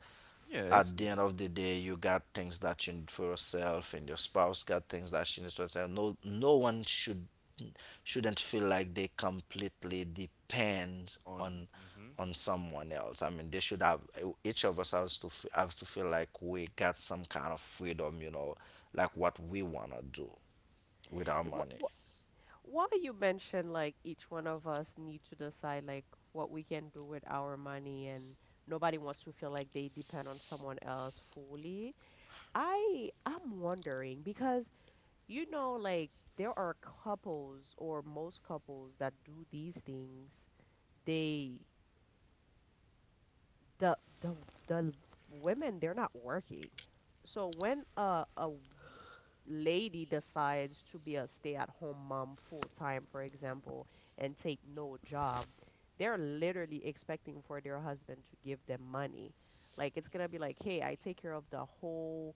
Speaker 2: Yeah,
Speaker 3: at
Speaker 2: it's
Speaker 3: the end
Speaker 2: needed.
Speaker 3: of the day, you got things that you need for yourself, and your spouse got things that she needs for herself. No, No one should shouldn't feel like they completely depend
Speaker 2: On.
Speaker 3: on
Speaker 2: Hmm.
Speaker 3: someone else. I mean, they should have each of us has to f- have to feel like we got some kind of freedom, you know, like what we wanna do with our
Speaker 1: What,
Speaker 3: money.
Speaker 1: what, why you mentioned like each one of us need to decide like what we can do with our money, and nobody wants to feel like they depend on someone else fully. I'm wondering because, you know, like there are couples or most couples that do these things, they, the the the women, they're not working. So when a lady decides to be a stay-at-home mom full time, for example, and take no job, they're literally expecting for their husband to give them money. Like it's gonna be like, hey, I take care of the whole,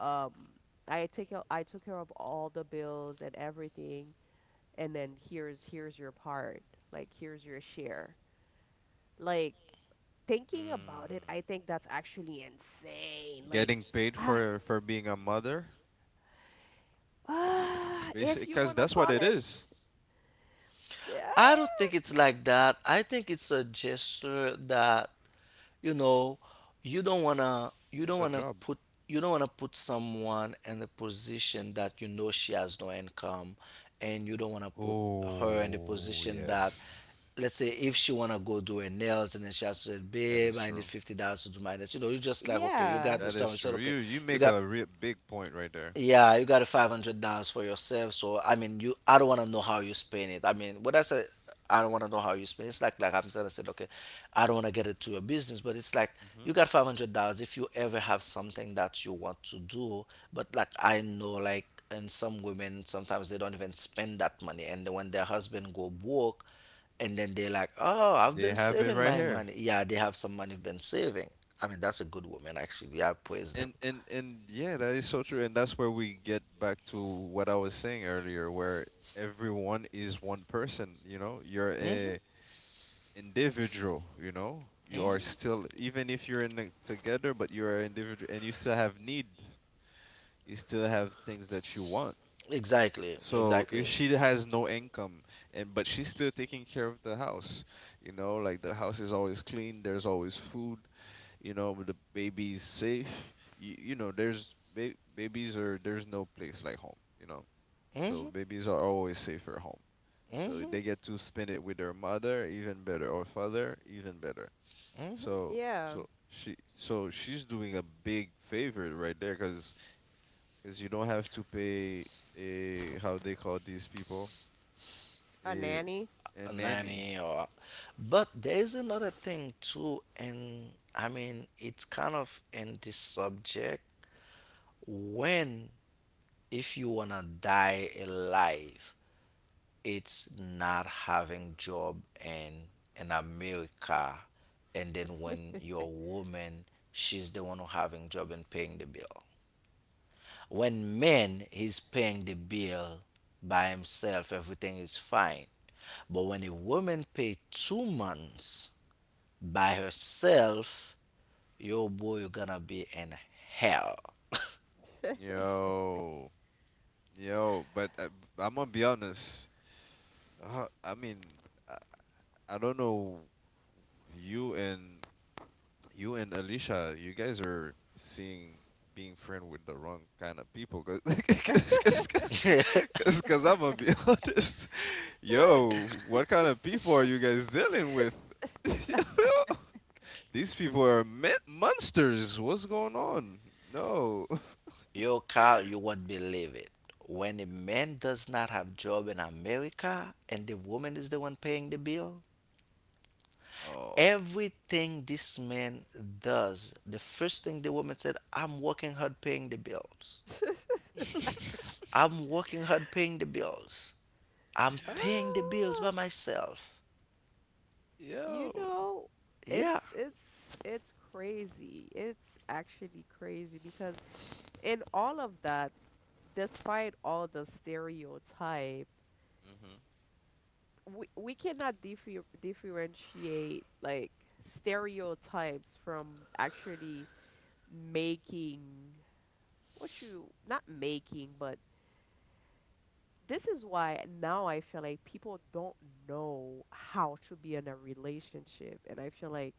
Speaker 1: um I took care of all the bills and everything, and then here's your part. Like here's your share. Like, thinking about it,
Speaker 2: Mm.
Speaker 1: I think that's actually insane. Like,
Speaker 2: Getting paid
Speaker 1: ah,
Speaker 2: for being a mother, it.
Speaker 1: ah,
Speaker 2: Basic,
Speaker 1: if you
Speaker 2: because
Speaker 1: want to
Speaker 2: that's what
Speaker 1: call
Speaker 2: it
Speaker 1: it,
Speaker 2: is.
Speaker 1: yeah,
Speaker 3: I don't think it's like that. I think it's a gesture that, you know, you
Speaker 2: It's
Speaker 3: don't
Speaker 2: a
Speaker 3: wanna
Speaker 2: job.
Speaker 3: put you don't wanna put someone in a position that you know she has no income and you don't wanna put her in the
Speaker 2: Oh,
Speaker 3: position that,
Speaker 2: yes.
Speaker 3: let's say if
Speaker 2: hmm
Speaker 3: she wanna go do her nails and then she has to say,
Speaker 2: That
Speaker 3: Babe,
Speaker 2: is
Speaker 3: I need
Speaker 2: true.
Speaker 3: $50 to do my nails. You know, you just like okay, you
Speaker 1: yeah,
Speaker 3: got the
Speaker 2: That
Speaker 3: stuff,
Speaker 2: is
Speaker 3: you said,
Speaker 2: true.
Speaker 3: Okay,
Speaker 2: You
Speaker 3: you
Speaker 2: make
Speaker 3: got
Speaker 2: a real big point right there.
Speaker 3: yeah, you got a $500 for yourself. So I mean, you I don't want to know how you spend it. I mean, what I said, I don't want to know how you spend. It's like I'm trying to say, okay, I don't want to get it to your business, but it's like you
Speaker 2: hmm
Speaker 3: got $500. If you ever have something that you want to do, but like I know, like and some women sometimes they don't even spend that money, and then when their husband go broke, and then they're like, oh, I've
Speaker 2: They
Speaker 3: been
Speaker 2: have it
Speaker 3: saving
Speaker 2: right
Speaker 3: my
Speaker 2: here.
Speaker 3: money. Yeah, they have some money been saving. I mean, that's a good woman actually. I praise them.
Speaker 2: And yeah, that is so true. And that's where we get back to what I was saying earlier, where everyone is one person, you know? You're
Speaker 3: Hmm.
Speaker 2: a individual, you know? You are
Speaker 3: Mhm.
Speaker 2: still even if you're in a, together, but you're an individual and you still have need. You still have things that you want.
Speaker 3: Exactly.
Speaker 2: So if
Speaker 3: Exactly.
Speaker 2: she has no income and but she's still taking care of the house, you know, like the house is always clean, there's always food, you know, the baby's safe. There's babies are there's no place like home, you know.
Speaker 3: Mhm.
Speaker 2: So babies are always safer at home. So
Speaker 3: Mhm.
Speaker 2: they get to spend it with their mother, even better, or father, even better.
Speaker 3: Mhm.
Speaker 2: So
Speaker 1: yeah,
Speaker 2: so she so she's doing a big favor right there, cause 'cause you don't have to pay a how they call these people.
Speaker 1: a
Speaker 2: Eh,
Speaker 1: nanny.
Speaker 3: A
Speaker 2: and nanny.
Speaker 3: nanny or but there is another thing too and I mean it's kind of in this subject when if you wanna die alive it's not having job in America and then when your woman she's the one who having job and paying the bill. When man is paying the bill by himself, everything is fine. But when a woman pay 2 months by herself, yo boy, you're gonna be in hell.
Speaker 2: Yo, yo, but I'm gonna be honest. I mean, I, I don't know you and you and Alicia, you guys are seeing being friend with the wrong kind of people. Cause, [LAUGHS]
Speaker 1: [LAUGHS]
Speaker 3: [LAUGHS]
Speaker 2: 'cause I'm gonna be [LAUGHS] honest. Yo, what kind of people are you guys dealing with? [LAUGHS] Yo, these people are monsters. What's going on? No. [LAUGHS]
Speaker 3: Yo, Carl, you won't believe it. When a man does not have job in America and the woman is the one paying the bill,
Speaker 2: Oh.
Speaker 3: everything this man does, the first thing the woman said, I'm working hard paying the bills.
Speaker 2: [LAUGHS]
Speaker 3: I'm working hard paying the bills. I'm paying the bills
Speaker 1: Oh,
Speaker 3: by myself.
Speaker 1: you
Speaker 2: Yo.
Speaker 1: know, it's
Speaker 3: Yeah.
Speaker 1: it's crazy. It's actually crazy because in all of that, despite all the stereotype,
Speaker 2: Mhm.
Speaker 1: we cannot differentiate like stereotypes from actually making what you not making. But this is why now I feel like people don't know how to be in a relationship, and I feel like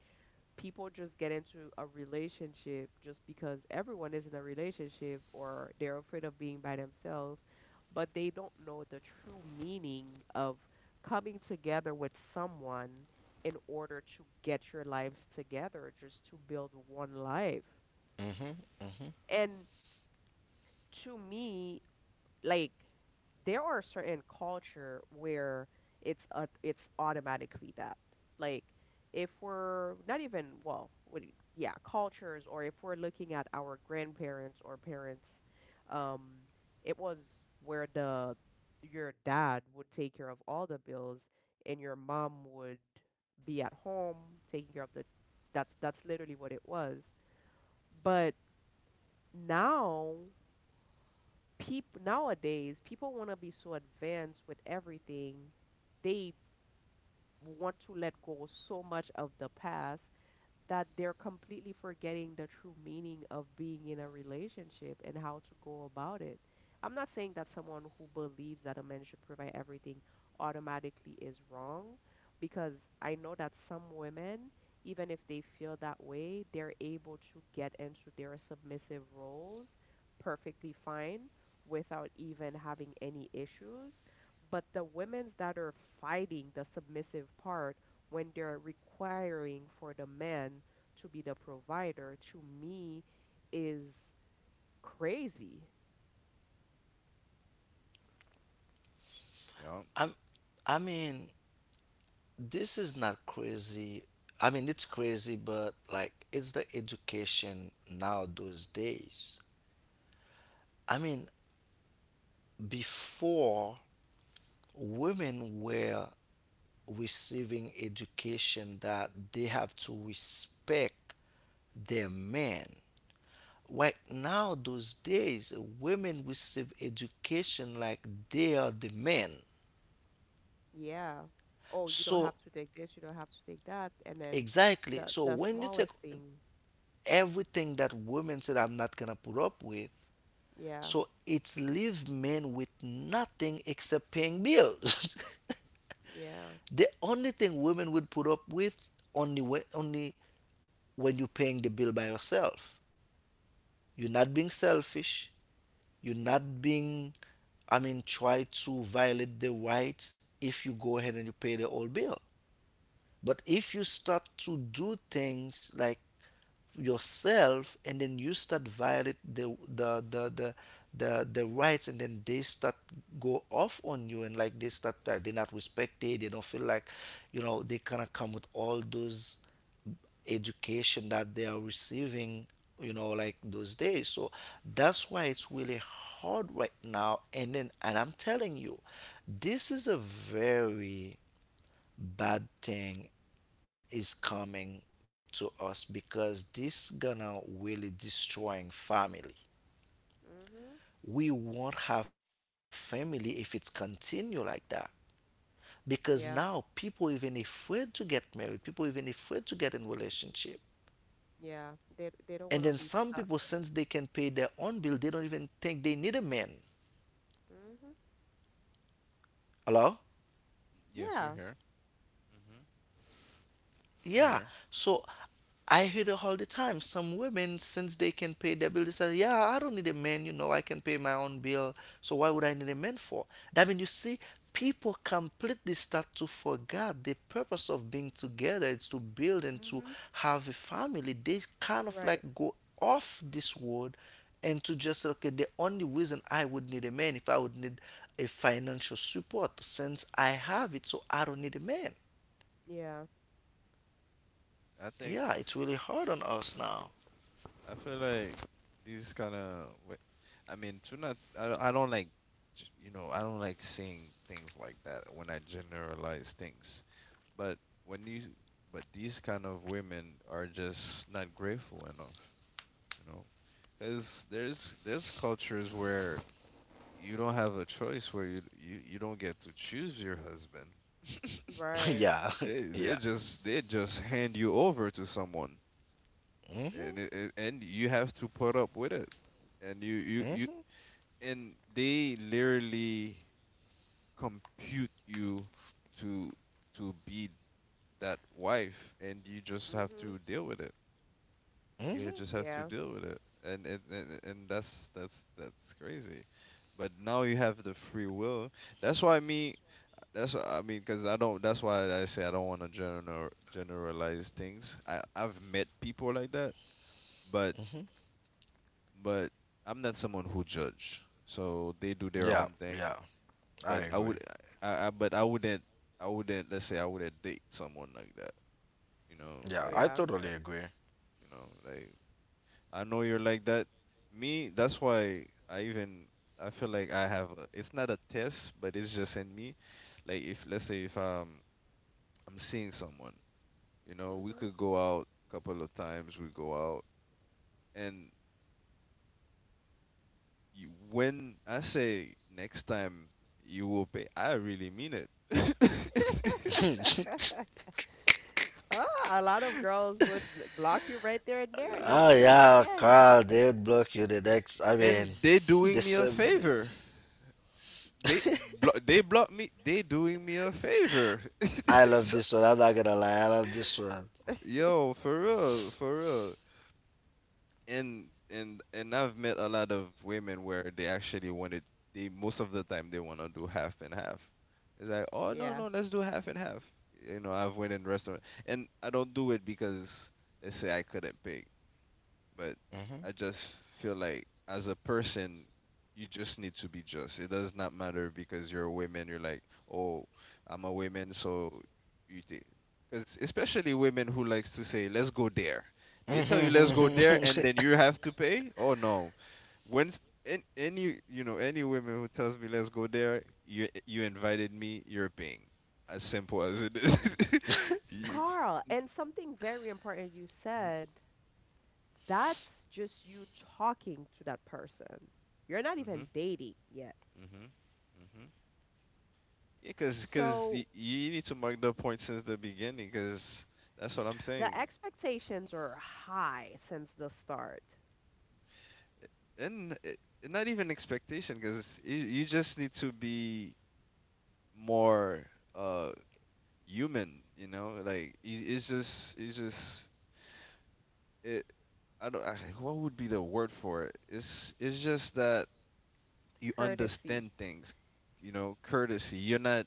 Speaker 1: people just get into a relationship just because everyone is in a relationship, or they're afraid of being by themselves, but they don't know the true meaning of coming together with someone in order to get your lives together, just to build one life.
Speaker 3: Mm-hmm. Mm-hmm.
Speaker 1: And to me, like, there are certain culture where it's a, it's automatically that, like, if we're not even well what, do you- yeah, cultures, or if we're looking at our grandparents or parents, um it was where the your dad would take care of all the bills, and your mom would be at home taking care of the, that's literally what it was. But now, people nowadays, people want to be so advanced with everything, they want to let go so much of the past that they're completely forgetting the true meaning of being in a relationship and how to go about it. I'm not saying that someone who believes that a man should provide everything automatically is wrong, because I know that some women, even if they feel that way, they're able to get into their submissive roles perfectly fine without even having any issues. But the women's that are fighting the submissive part, when they're requiring for the man to be the provider, to me, is crazy.
Speaker 2: Yup.
Speaker 3: I'm I mean, this is not crazy. I mean, it's crazy, but like it's the education now those days. I mean, before women were receiving education that they have to respect their men. Right now, those days, women receive education like they are the men.
Speaker 1: Yeah. Oh, you don't have
Speaker 3: So
Speaker 1: to take this, you don't have to take that. And then
Speaker 3: Exactly.
Speaker 1: the
Speaker 3: So
Speaker 1: the
Speaker 3: when you take
Speaker 1: smallest thing.
Speaker 3: everything that women said I'm not gonna put up with,
Speaker 1: Yeah.
Speaker 3: so it's leave men with nothing except paying bills.
Speaker 1: Yeah.
Speaker 3: [LAUGHS] The only thing women would put up with only only when you're paying the bill by yourself. You're not being selfish. You're not being try to violate the right if you go ahead and you pay the whole bill. But if you start to do things like yourself and then you start violate the rights and then they start go off on you and like they start like they're not respected, they don't feel like you know, they kind of come with all those education that they are receiving you know, like those days. So that's why it's really hard right now, and then and I'm telling you, this is a very bad thing is coming to us because this gonna really destroying family.
Speaker 1: Mhm.
Speaker 3: We won't have family if it's continue like that. Because
Speaker 1: Yeah.
Speaker 3: now people even afraid to get married, people even afraid to get in relationship.
Speaker 1: Yeah. They don't
Speaker 3: And
Speaker 1: want
Speaker 3: then
Speaker 1: to be
Speaker 3: some people
Speaker 1: stuck.
Speaker 3: since they can pay their own bill, they don't even think they need
Speaker 1: Mhm.
Speaker 3: Hello?
Speaker 2: Yes,
Speaker 1: Yeah.
Speaker 2: we're here. Mhm. We're
Speaker 3: Yeah.
Speaker 2: here.
Speaker 3: So I hear it all the time. Some women, since they can pay their bill, they say, Yeah, I don't need a man, you know, I can pay my own bill. So why would I need a man for? That means you see, people completely start to forget the purpose of being together. It's to build and to
Speaker 1: Mhm.
Speaker 3: have a family. They kind of
Speaker 1: Right.
Speaker 3: like go off this world and to just say, okay, the only reason I would need a man if I would need a financial support since I have it, so I don't need a man.
Speaker 1: Yeah.
Speaker 2: I think
Speaker 3: Yeah, it's really hard on us now.
Speaker 2: I feel like these kind of. I mean, to not. I don't like. You know, I don't like saying things like that when I generalize things. But when you, but these kind of women are just not grateful enough. You know, because there's cultures where you don't have a choice where you don't get to choose your husband. [LAUGHS]
Speaker 1: Right.
Speaker 2: They
Speaker 3: [LAUGHS] Yeah,
Speaker 2: they
Speaker 3: [LAUGHS] yeah.
Speaker 2: just they just hand you over to someone, and
Speaker 3: Mm-hmm,
Speaker 2: and you have to put up with it. And you
Speaker 3: mm-hmm,
Speaker 2: and they literally compute you to to be that wife, and you just have
Speaker 1: Mhm.
Speaker 2: to deal with it. You just have
Speaker 1: Yeah.
Speaker 2: to deal with it, and and that's that's crazy. But now you have the free will. That's why me That's what I mean, because I don't. That's why I say I don't want to generalize things. I I've met people like that, but
Speaker 3: mm-hmm.
Speaker 2: but I'm not someone who judge. So they do their
Speaker 3: Yeah,
Speaker 2: own
Speaker 3: yeah.
Speaker 2: thing.
Speaker 3: I
Speaker 2: But
Speaker 3: agree.
Speaker 2: I wouldn't, Let's say I wouldn't date someone like that. You know,
Speaker 3: Yeah,
Speaker 2: like,
Speaker 3: I
Speaker 1: Yeah.
Speaker 2: I,
Speaker 3: totally agree.
Speaker 2: you know, like I know you're like that. Me, that's why I feel like I have. A, it's not a test, but it's just in me. Like if let's say if I'm seeing someone. You know, we
Speaker 1: Mhm.
Speaker 2: could go out a couple of times, we go out. And you, when I say next time you will pay, I really mean it. [LAUGHS]
Speaker 1: [LAUGHS]
Speaker 3: [LAUGHS]
Speaker 1: Oh, a lot of girls would block you right there and there and not
Speaker 3: Oh
Speaker 1: talk to you
Speaker 3: yeah,
Speaker 1: again.
Speaker 3: Carl, they would block you the next. I mean,
Speaker 2: And they
Speaker 3: [LAUGHS]
Speaker 2: doing
Speaker 3: the
Speaker 2: me a
Speaker 3: same. Day.
Speaker 2: favor. They
Speaker 3: [LAUGHS]
Speaker 2: they block me. They doing me a favor.
Speaker 3: I love this one. I'm not gonna lie. I love this one.
Speaker 2: [LAUGHS]
Speaker 1: [LAUGHS]
Speaker 2: Yo, for real, for real. And I've met a lot of women where they actually wanted they most of the time they want to do half and half. It's like, oh
Speaker 1: Yeah.
Speaker 2: no, let's do half and half. You know, I've went in restaurant and I don't do it because let's say I couldn't pay, but
Speaker 3: Mm-hmm.
Speaker 2: I just feel like as a person, you just need to be just. It does not matter because you're a woman. You're like, oh, I'm a woman, so you did. Because especially women who likes to say, let's go there.
Speaker 3: [LAUGHS] [LAUGHS]
Speaker 2: They tell you let's go
Speaker 3: yeah.
Speaker 2: there, and then you have to pay. Oh no, when any you know any women who tells me let's go there, you invited me, you're paying. As simple as it is. [LAUGHS] You—
Speaker 1: Carl, and something very important you said, that's just you talking to that person. You're not
Speaker 2: Mhm,
Speaker 1: even dating yet.
Speaker 2: mhm. Yeah, cause
Speaker 1: So
Speaker 2: you need to mark the point since the beginning, cause that's what I'm
Speaker 1: the
Speaker 2: saying.
Speaker 1: expectations are high since the start.
Speaker 2: And not even expectation, cause you just need to be more uh human, you know? Like it's just it. I don't. I, What would be the word for it? It's just that you
Speaker 1: Courtesy.
Speaker 2: understand things, you know, courtesy. You're not,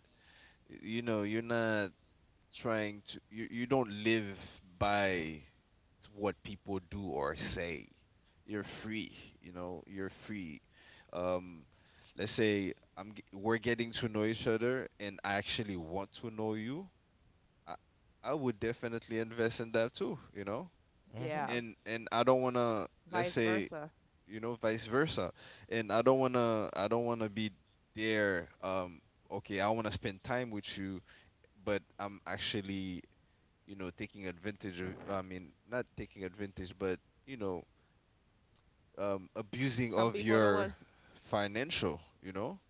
Speaker 2: you know, you're not trying to. You don't live by what people do or say. You're free, you know, you're free. Um, let's say we're getting to know each other and I actually want to know you. I, I would definitely invest in that too, you know?
Speaker 3: Mm-hmm.
Speaker 1: Yeah.
Speaker 2: And I don't want to let's
Speaker 1: Vice
Speaker 2: say,
Speaker 1: versa.
Speaker 2: you know, vice versa. And I don't want to be there okay, I want to spend time with you, but I'm actually you know taking advantage of I mean not taking advantage but you know abusing
Speaker 1: Some
Speaker 2: of
Speaker 1: people don't
Speaker 2: your
Speaker 1: want,
Speaker 2: financial, you know,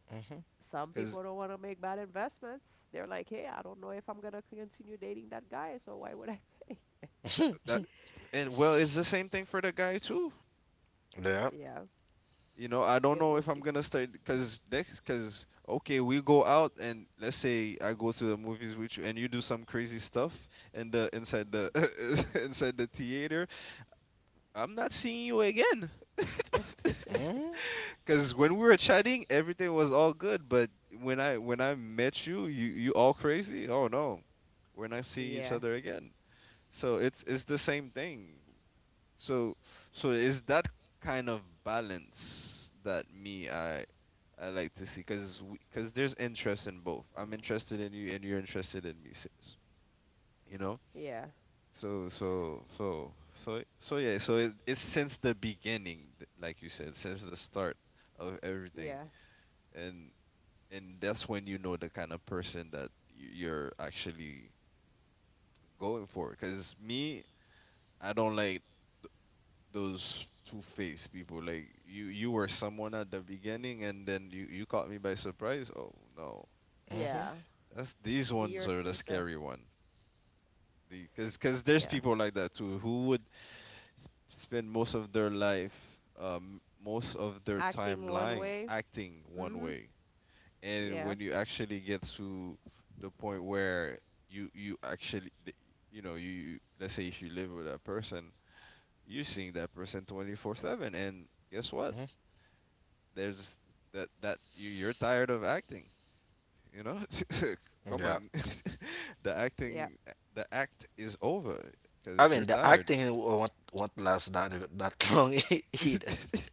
Speaker 1: some
Speaker 2: because
Speaker 1: people don't want to make bad investments. They're like, "Hey, I don't know if I'm going to continue dating that guy, so why would I"
Speaker 2: that and well, it's the same thing for the guy too.
Speaker 1: Yeah,
Speaker 2: You know, I don't
Speaker 1: it
Speaker 2: know if
Speaker 1: would
Speaker 2: I'm
Speaker 1: be.
Speaker 2: gonna start because next because okay, we go out and let's say I go to the movies with you and you do some crazy stuff and the inside the [LAUGHS] inside the theater, I'm not seeing you again. [LAUGHS]
Speaker 3: Mm-hmm.
Speaker 2: Because when we were chatting, everything was all good, but when I met you, you you all crazy. Oh no, we're not seeing each
Speaker 1: Yeah,
Speaker 2: other again. So it's the same thing. So so is that kind of balance that me I like to see because there's interest in both. I'm interested in you and you're interested in me. Sis, you know.
Speaker 1: yeah,
Speaker 2: So yeah. So it's since the beginning, like you said, since the start of everything,
Speaker 1: yeah,
Speaker 2: and that's when you know the kind of person that you're actually going for because me I don't like those two-faced people like you were someone at the beginning and then you caught me by surprise. Oh no,
Speaker 1: yeah.
Speaker 2: that's these
Speaker 1: Be your
Speaker 2: ones are the
Speaker 1: true self.
Speaker 2: scary one because there's
Speaker 1: Yeah.
Speaker 2: people like that too who would s- spend most of their life most of their time
Speaker 1: Acting one
Speaker 2: lying
Speaker 1: way.
Speaker 2: acting one
Speaker 1: Mm-hmm.
Speaker 2: way and
Speaker 1: Yeah,
Speaker 2: when you actually get to the point where you you actually th- you know you let's say if you live with that person you're seeing that person 24/7 and guess what
Speaker 3: Mm-hmm.
Speaker 2: there's that you're tired of acting you know. [LAUGHS] Come
Speaker 3: Yeah.
Speaker 2: on. [LAUGHS] the
Speaker 1: yeah.
Speaker 2: acting the act is over
Speaker 3: I
Speaker 2: because you're
Speaker 3: mean, the
Speaker 2: tired.
Speaker 3: acting won't last that [LAUGHS] long e- either.
Speaker 2: [LAUGHS]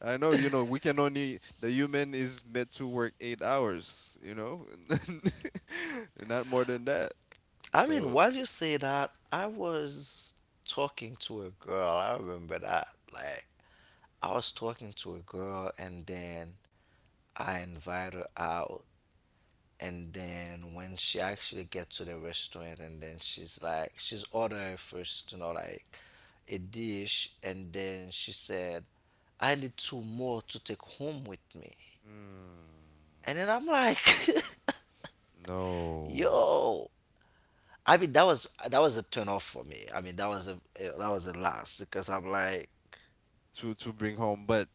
Speaker 2: I know, you know, we can only the human is meant to work 8 hours, you know, [LAUGHS] not more than that.
Speaker 3: I mean,
Speaker 2: So,
Speaker 3: while you say that, I was talking to a girl. I remember that. Like, I was talking to a girl, and then I invite her out. And then when she actually gets to the restaurant, and then she's like, she's ordering first, you know, like a dish, and then she said, "I need two more to take home with me."
Speaker 2: mm,
Speaker 3: And then I'm like, [LAUGHS]
Speaker 2: no,
Speaker 3: "Yo, I mean that was a turn off for me. I mean that was a last because I'm like
Speaker 2: to bring home. But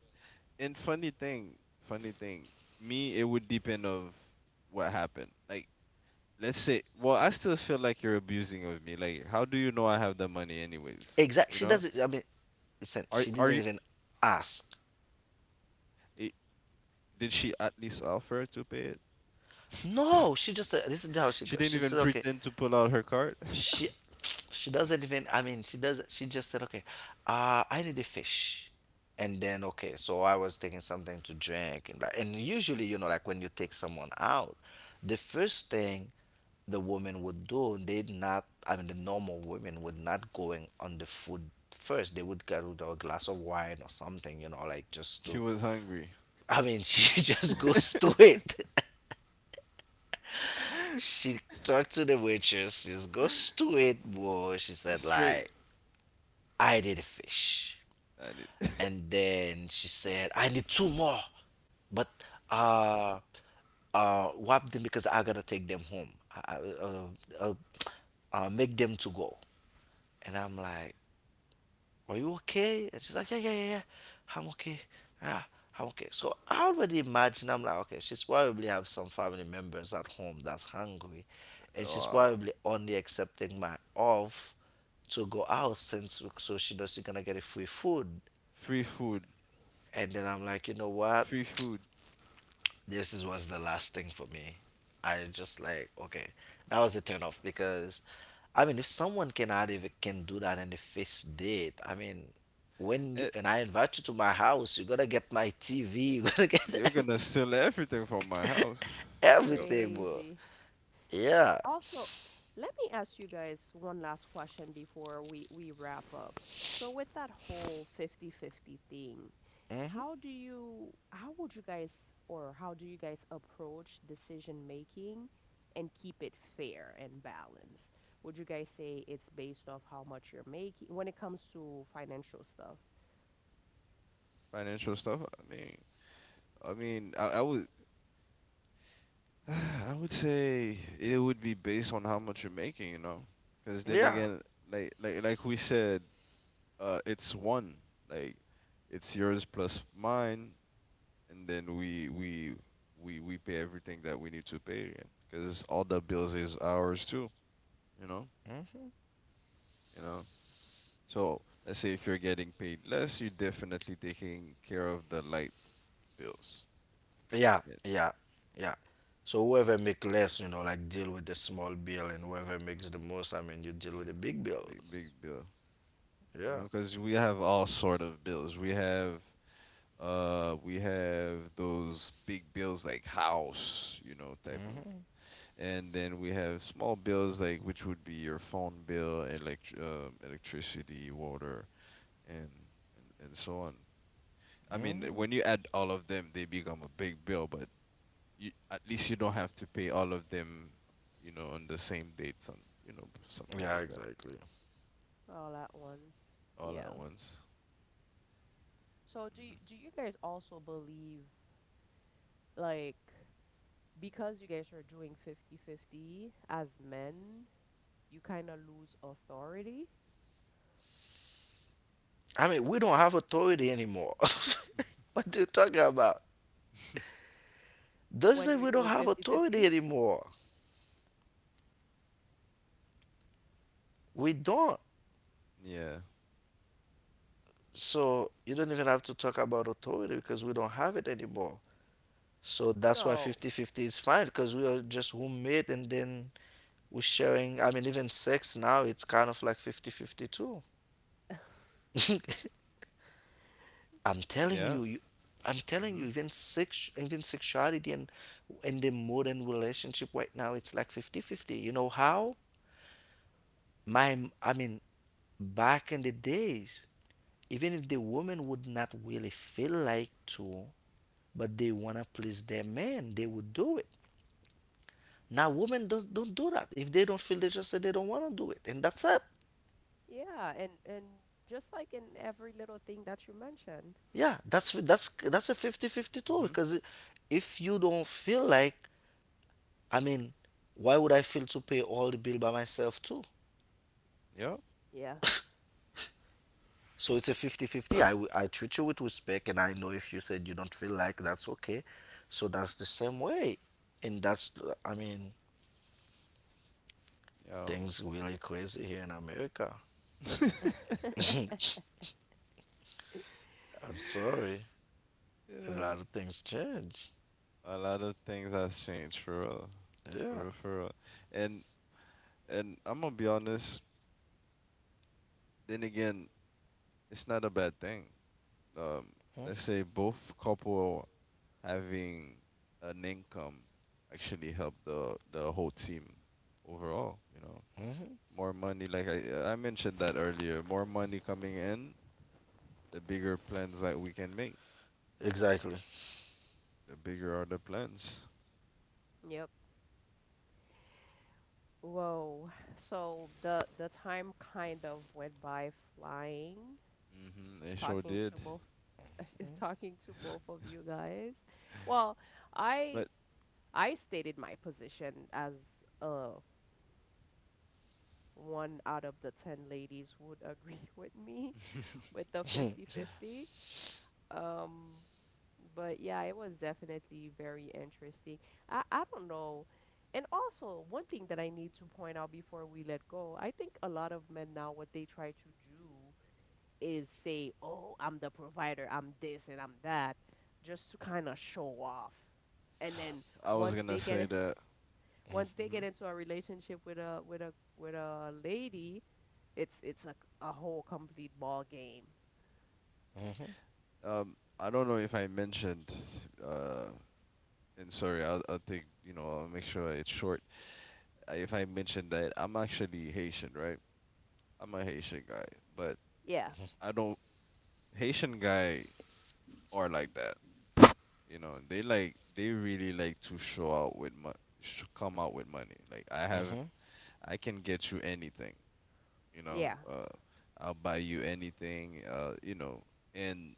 Speaker 2: and funny thing, me it would depend of what happened. Like, let's say, well, I still feel like you're abusing of me. Like, how do you know I have the money anyways?
Speaker 3: exact.
Speaker 2: You
Speaker 3: She
Speaker 2: know,
Speaker 3: doesn't. I mean listen, she
Speaker 2: are
Speaker 3: didn't
Speaker 2: you?
Speaker 3: even ask.
Speaker 2: i- Did she at least offer to pay it? [LAUGHS]
Speaker 3: No, she just said this is how she
Speaker 2: She
Speaker 3: goes.
Speaker 2: didn't
Speaker 3: She
Speaker 2: even
Speaker 3: said okay.
Speaker 2: pretend to pull out her card. [LAUGHS]
Speaker 3: She she doesn't even. I mean she doesn't. She just said okay. I need a fish. And then okay, so I was taking something to drink and like, and usually you know like when you take someone out, the first thing the woman would do, they not, I mean, the normal women would not going on the food first. They would get with a glass of wine or something, you know, like just
Speaker 2: She
Speaker 3: to,
Speaker 2: was hungry.
Speaker 3: I mean, [LAUGHS] she just
Speaker 2: [LAUGHS]
Speaker 3: goes to it. [LAUGHS] She talked to the waitress, she just goes to it, boy. She said,
Speaker 2: Straight.
Speaker 3: like, I did a fish.
Speaker 2: I need. [LAUGHS]
Speaker 3: And then she said, I need two more, but uh, whap them because I gotta take them home. I, I- uh, uh, make them to go. And I'm like, are you okay? And she's like, yeah, yeah, yeah, yeah. I'm okay. Yeah, I'm okay. So I already imagine I'm like, okay, she's probably have some family members at home that's hungry and she's
Speaker 2: Wow.
Speaker 3: probably only accepting my off to go out since so she knows she's gonna get a free food.
Speaker 2: Free food.
Speaker 3: And then I'm like, you know what?
Speaker 2: Free food.
Speaker 3: This is was the last thing for me. I just like okay. That was a turn off because I mean, if someone can add, can do that, and if it's did, I mean, when you
Speaker 2: Eh,
Speaker 3: and I invite you to my house, you're gonna get my TV, you're gonna [LAUGHS] get
Speaker 2: you're gonna
Speaker 3: everything,
Speaker 2: steal everything from my house.
Speaker 3: [LAUGHS]
Speaker 2: Yo,
Speaker 3: everything bro.
Speaker 1: Crazy.
Speaker 3: Yeah,
Speaker 1: Also, let me ask you guys one last question before we wrap up. So with that whole fifty-fifty thing,
Speaker 3: hmm
Speaker 1: how would you guys or how do you guys approach decision making and keep it fair and balanced? Would you guys say it's based off how much you're making when it comes to financial stuff
Speaker 2: financial stuff. I mean, [SIGHS] I would say it would be based on how much you're making, you know. Because then
Speaker 3: yeah,
Speaker 2: again, like we said, it's one. Like, it's yours plus mine, and then we pay everything that we need to pay. Because all the bills is ours too, you know.
Speaker 3: hmm
Speaker 2: You know. So let's say if you're getting paid less, you're definitely taking care of the light bills.
Speaker 3: yeah,
Speaker 2: Yeah,
Speaker 3: yeah, yeah. So whoever make less, you know, like deal with the small bill, and whoever makes the most, I mean, you deal with
Speaker 2: big,
Speaker 3: the big bill.
Speaker 2: big bill. You
Speaker 3: Yeah.
Speaker 2: know, because we have all sort of bills. We have those big bills like house, you know, type of,
Speaker 3: Hmm.
Speaker 2: and then we have small bills like which would be your phone bill, electricity, water, and, and so on. I mean,
Speaker 3: Hmm.
Speaker 2: when you add all of them, they become a big bill, but you, at least you don't have to pay all of them, you know, on the same date, some you know, something
Speaker 3: Yeah,
Speaker 2: like that,
Speaker 3: exactly.
Speaker 1: all at once?
Speaker 2: all
Speaker 1: Yeah.
Speaker 2: at once.
Speaker 1: So
Speaker 2: Mm-hmm.
Speaker 1: do you guys also believe, like, because you guys are doing fifty-fifty as men, you kind of lose authority
Speaker 3: I mean, we don't have authority anymore. [LAUGHS] What are you talking about?
Speaker 2: [LAUGHS]
Speaker 3: Does
Speaker 1: when
Speaker 3: that
Speaker 1: you're
Speaker 3: we don't
Speaker 1: doing
Speaker 3: have authority
Speaker 1: fifty-fifty.
Speaker 3: anymore. We don't.
Speaker 2: Yeah.
Speaker 3: So you don't even have to talk about authority because we don't have it anymore. So that's why
Speaker 1: No.
Speaker 3: 50-50 is fine because we are just roommate and then we're sharing. I mean, even sex now, it's kind of like 50-50 too. [LAUGHS] I'm telling
Speaker 2: Yeah.
Speaker 3: you, you, I'm telling you,
Speaker 2: Mhm.
Speaker 3: even sex, even sexuality and in the modern relationship right now, it's like 50-50. You know how? My, I mean, back in the days, even if the woman would not really feel like to but they want to please their man they would do it now women don't do that if they don't feel they just say they don't want to do it and that's it.
Speaker 1: Yeah, and just like in every little thing that you mentioned.
Speaker 3: Yeah, that's a 50-50 too
Speaker 2: Mhm.
Speaker 3: because if you don't feel like I mean why would I feel to pay all the bill by myself too.
Speaker 2: Yep.
Speaker 1: Yeah. [LAUGHS]
Speaker 3: [LAUGHS] So it's a 50-50. I, w- I treat you with respect and I know if you said you don't feel like that's okay so that's the same way and that's I mean
Speaker 2: Yo.
Speaker 3: things really crazy here in America.
Speaker 2: [LAUGHS]
Speaker 3: [LAUGHS] I'm sorry. A
Speaker 2: Yeah.
Speaker 3: lot of things change.
Speaker 2: A lot of things has changed for real. For
Speaker 3: Yeah.
Speaker 2: real, for real. And and I'm gonna be honest. Then again, it's not a bad thing. Um, let's say both couple having an income actually help the whole team overall. You know,
Speaker 3: Mm-hmm.
Speaker 2: more money. Like I mentioned that earlier. More money coming in, the bigger plans that we can make.
Speaker 3: Exactly.
Speaker 2: The bigger are the plans.
Speaker 1: Yep. Whoa. So the time kind of went by flying,
Speaker 2: Hmm. They sure
Speaker 1: talking to
Speaker 2: did.
Speaker 1: both [LAUGHS]
Speaker 3: [LAUGHS]
Speaker 1: talking to both of you guys. Well, I
Speaker 2: But
Speaker 1: I stated my position as a one out of the 10 ladies would agree [LAUGHS] with me with
Speaker 2: [LAUGHS]
Speaker 1: the
Speaker 3: Mm-hmm. [LAUGHS]
Speaker 1: fifty-fifty. Um, but yeah, it was definitely very interesting. I don't know. And also, one thing that I need to point out before we let go, I think a lot of men now, what they try to do is say, oh, I'm the provider, I'm this and I'm that, just to kind of show off. And then
Speaker 2: I was
Speaker 1: once
Speaker 2: gonna
Speaker 1: they get
Speaker 2: say
Speaker 1: it,
Speaker 2: that.
Speaker 1: once they
Speaker 2: Hmm.
Speaker 1: get into a relationship with a with a lady, it's a whole complete ball game.
Speaker 3: Mm-hmm.
Speaker 2: I don't know if I mentioned uh and sorry I'll take you know I'll make sure it's short. If I mentioned that I'm actually Haitian, right? I'm a Haitian guy, but
Speaker 1: Yeah.
Speaker 2: I don't Haitian guy are like that. You know, they like they really like to show out with come out with money. Like I have I can get you anything. You
Speaker 1: Yeah.
Speaker 2: know I'll buy you anything you know. and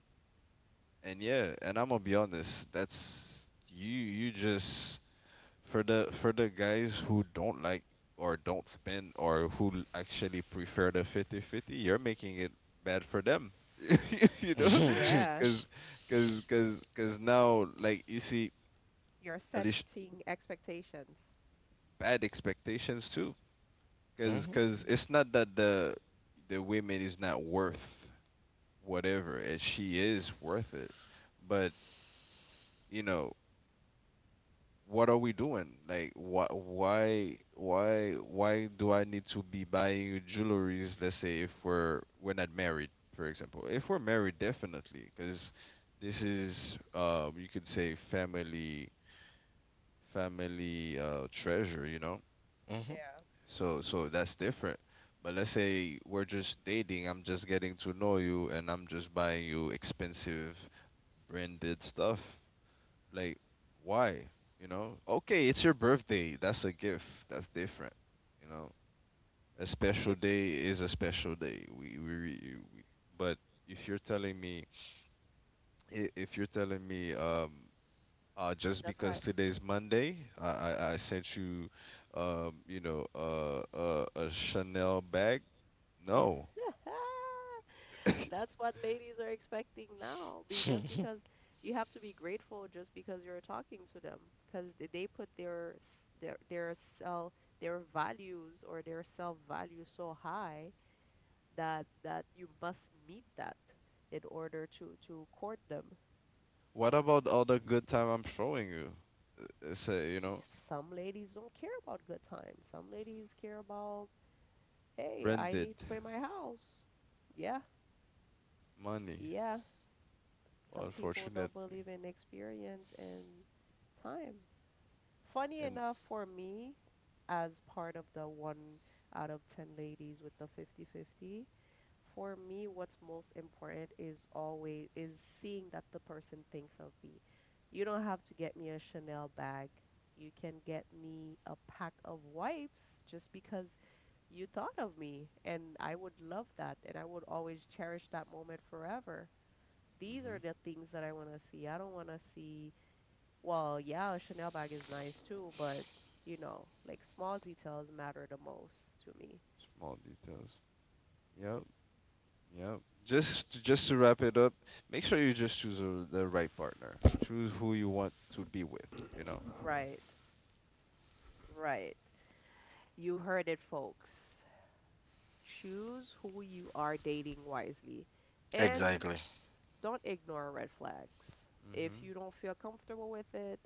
Speaker 2: and yeah and I'm gonna be honest that's you you just for the guys who don't like or don't spend or who actually prefer the 50/50 you're making it bad for them. [LAUGHS] You know
Speaker 1: Yeah.
Speaker 2: because now like you see
Speaker 1: You're
Speaker 2: at least
Speaker 1: setting expectations.
Speaker 2: bad expectations too because
Speaker 3: Mm-hmm.
Speaker 1: Mhm.
Speaker 2: it's not that the women is not worth whatever, and she is worth it. But you know, what are we doing? Like, why do I need to be buying you jewelries? Let's say if we're we're not married, for example. If we're married, definitely, because this is, you could say family, family treasure. You know,
Speaker 3: Mm-hmm.
Speaker 1: Yeah.
Speaker 2: so so that's different. But let's say we're just dating. I'm just getting to know you, and I'm just buying you expensive branded stuff. Like, why? You know, okay, it's your birthday. That's a gift. That's different. You know, a special
Speaker 1: Th-
Speaker 2: day is a special day. We but if you're telling me i- if you're telling me um just
Speaker 1: That's how.
Speaker 2: because today's Monday, I sent you you know a Chanel bag.
Speaker 1: [LAUGHS]
Speaker 2: No. [COUGHS]
Speaker 1: That's
Speaker 2: [LAUGHS]
Speaker 1: what ladies are expecting now. Be just because you have to be grateful just because you're talking to them, because they put their their self their values or their self value so high that that you must meet that in order to court them.
Speaker 2: What about all the good time I'm showing you? It's a you know
Speaker 1: Some ladies don't care about good times. Some ladies care about, hey, I
Speaker 2: branded
Speaker 1: need to pay my house. Yeah,
Speaker 2: money,
Speaker 1: yeah. Some people don't
Speaker 2: unfortunately.
Speaker 1: believe in experience and time. Funny
Speaker 2: And
Speaker 1: enough, for me, as part of the one out of 10 ladies with the fifty-fifty. For me, what's most important is always is seeing that the person thinks of me. You don't have to get me a Chanel bag. You can get me a pack of wipes just because you thought of me, and I would love that, and I would always cherish that moment forever. These
Speaker 2: hmm
Speaker 1: are the things that I want to see. I don't want to see, well, yeah, a Chanel bag is nice too, but, you know, like, small details matter the most to me.
Speaker 2: small details. Yep, yep. Just to wrap it up, make sure you just choose a, the right partner. Choose who you want to be with. You know.
Speaker 1: Right, right. You heard it, folks. Choose who you are dating wisely and
Speaker 3: Exactly.
Speaker 1: don't ignore red flags. If
Speaker 2: Hmm.
Speaker 1: you don't feel comfortable with it,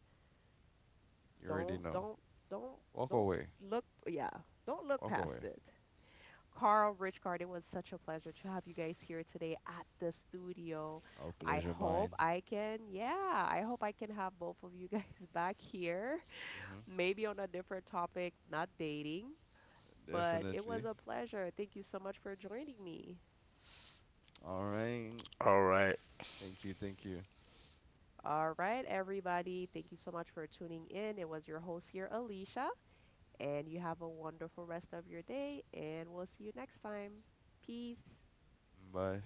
Speaker 2: You already
Speaker 1: don't
Speaker 2: know.
Speaker 1: don't don't
Speaker 2: Walk
Speaker 1: don't
Speaker 2: away.
Speaker 1: look yeah, don't look
Speaker 2: Walk
Speaker 1: past
Speaker 2: away.
Speaker 1: it. Carl Richcard, it was such a pleasure to have you guys here today at the studio.
Speaker 2: I'll
Speaker 1: I
Speaker 2: pleasure
Speaker 1: hope
Speaker 2: mine.
Speaker 1: I can, yeah, I hope I can have both of you guys [LAUGHS] back here,
Speaker 2: Hmm.
Speaker 1: maybe on a different topic, not dating. But it was
Speaker 2: Definitely.
Speaker 1: a pleasure. Thank you so much for joining me.
Speaker 2: All right.
Speaker 3: All right.
Speaker 2: Thank you. Thank you.
Speaker 1: All right, everybody. Thank you so much for tuning in. It was your host here, Alicia, and you have a wonderful rest of your day, and we'll see you next time. Peace.
Speaker 2: Bye.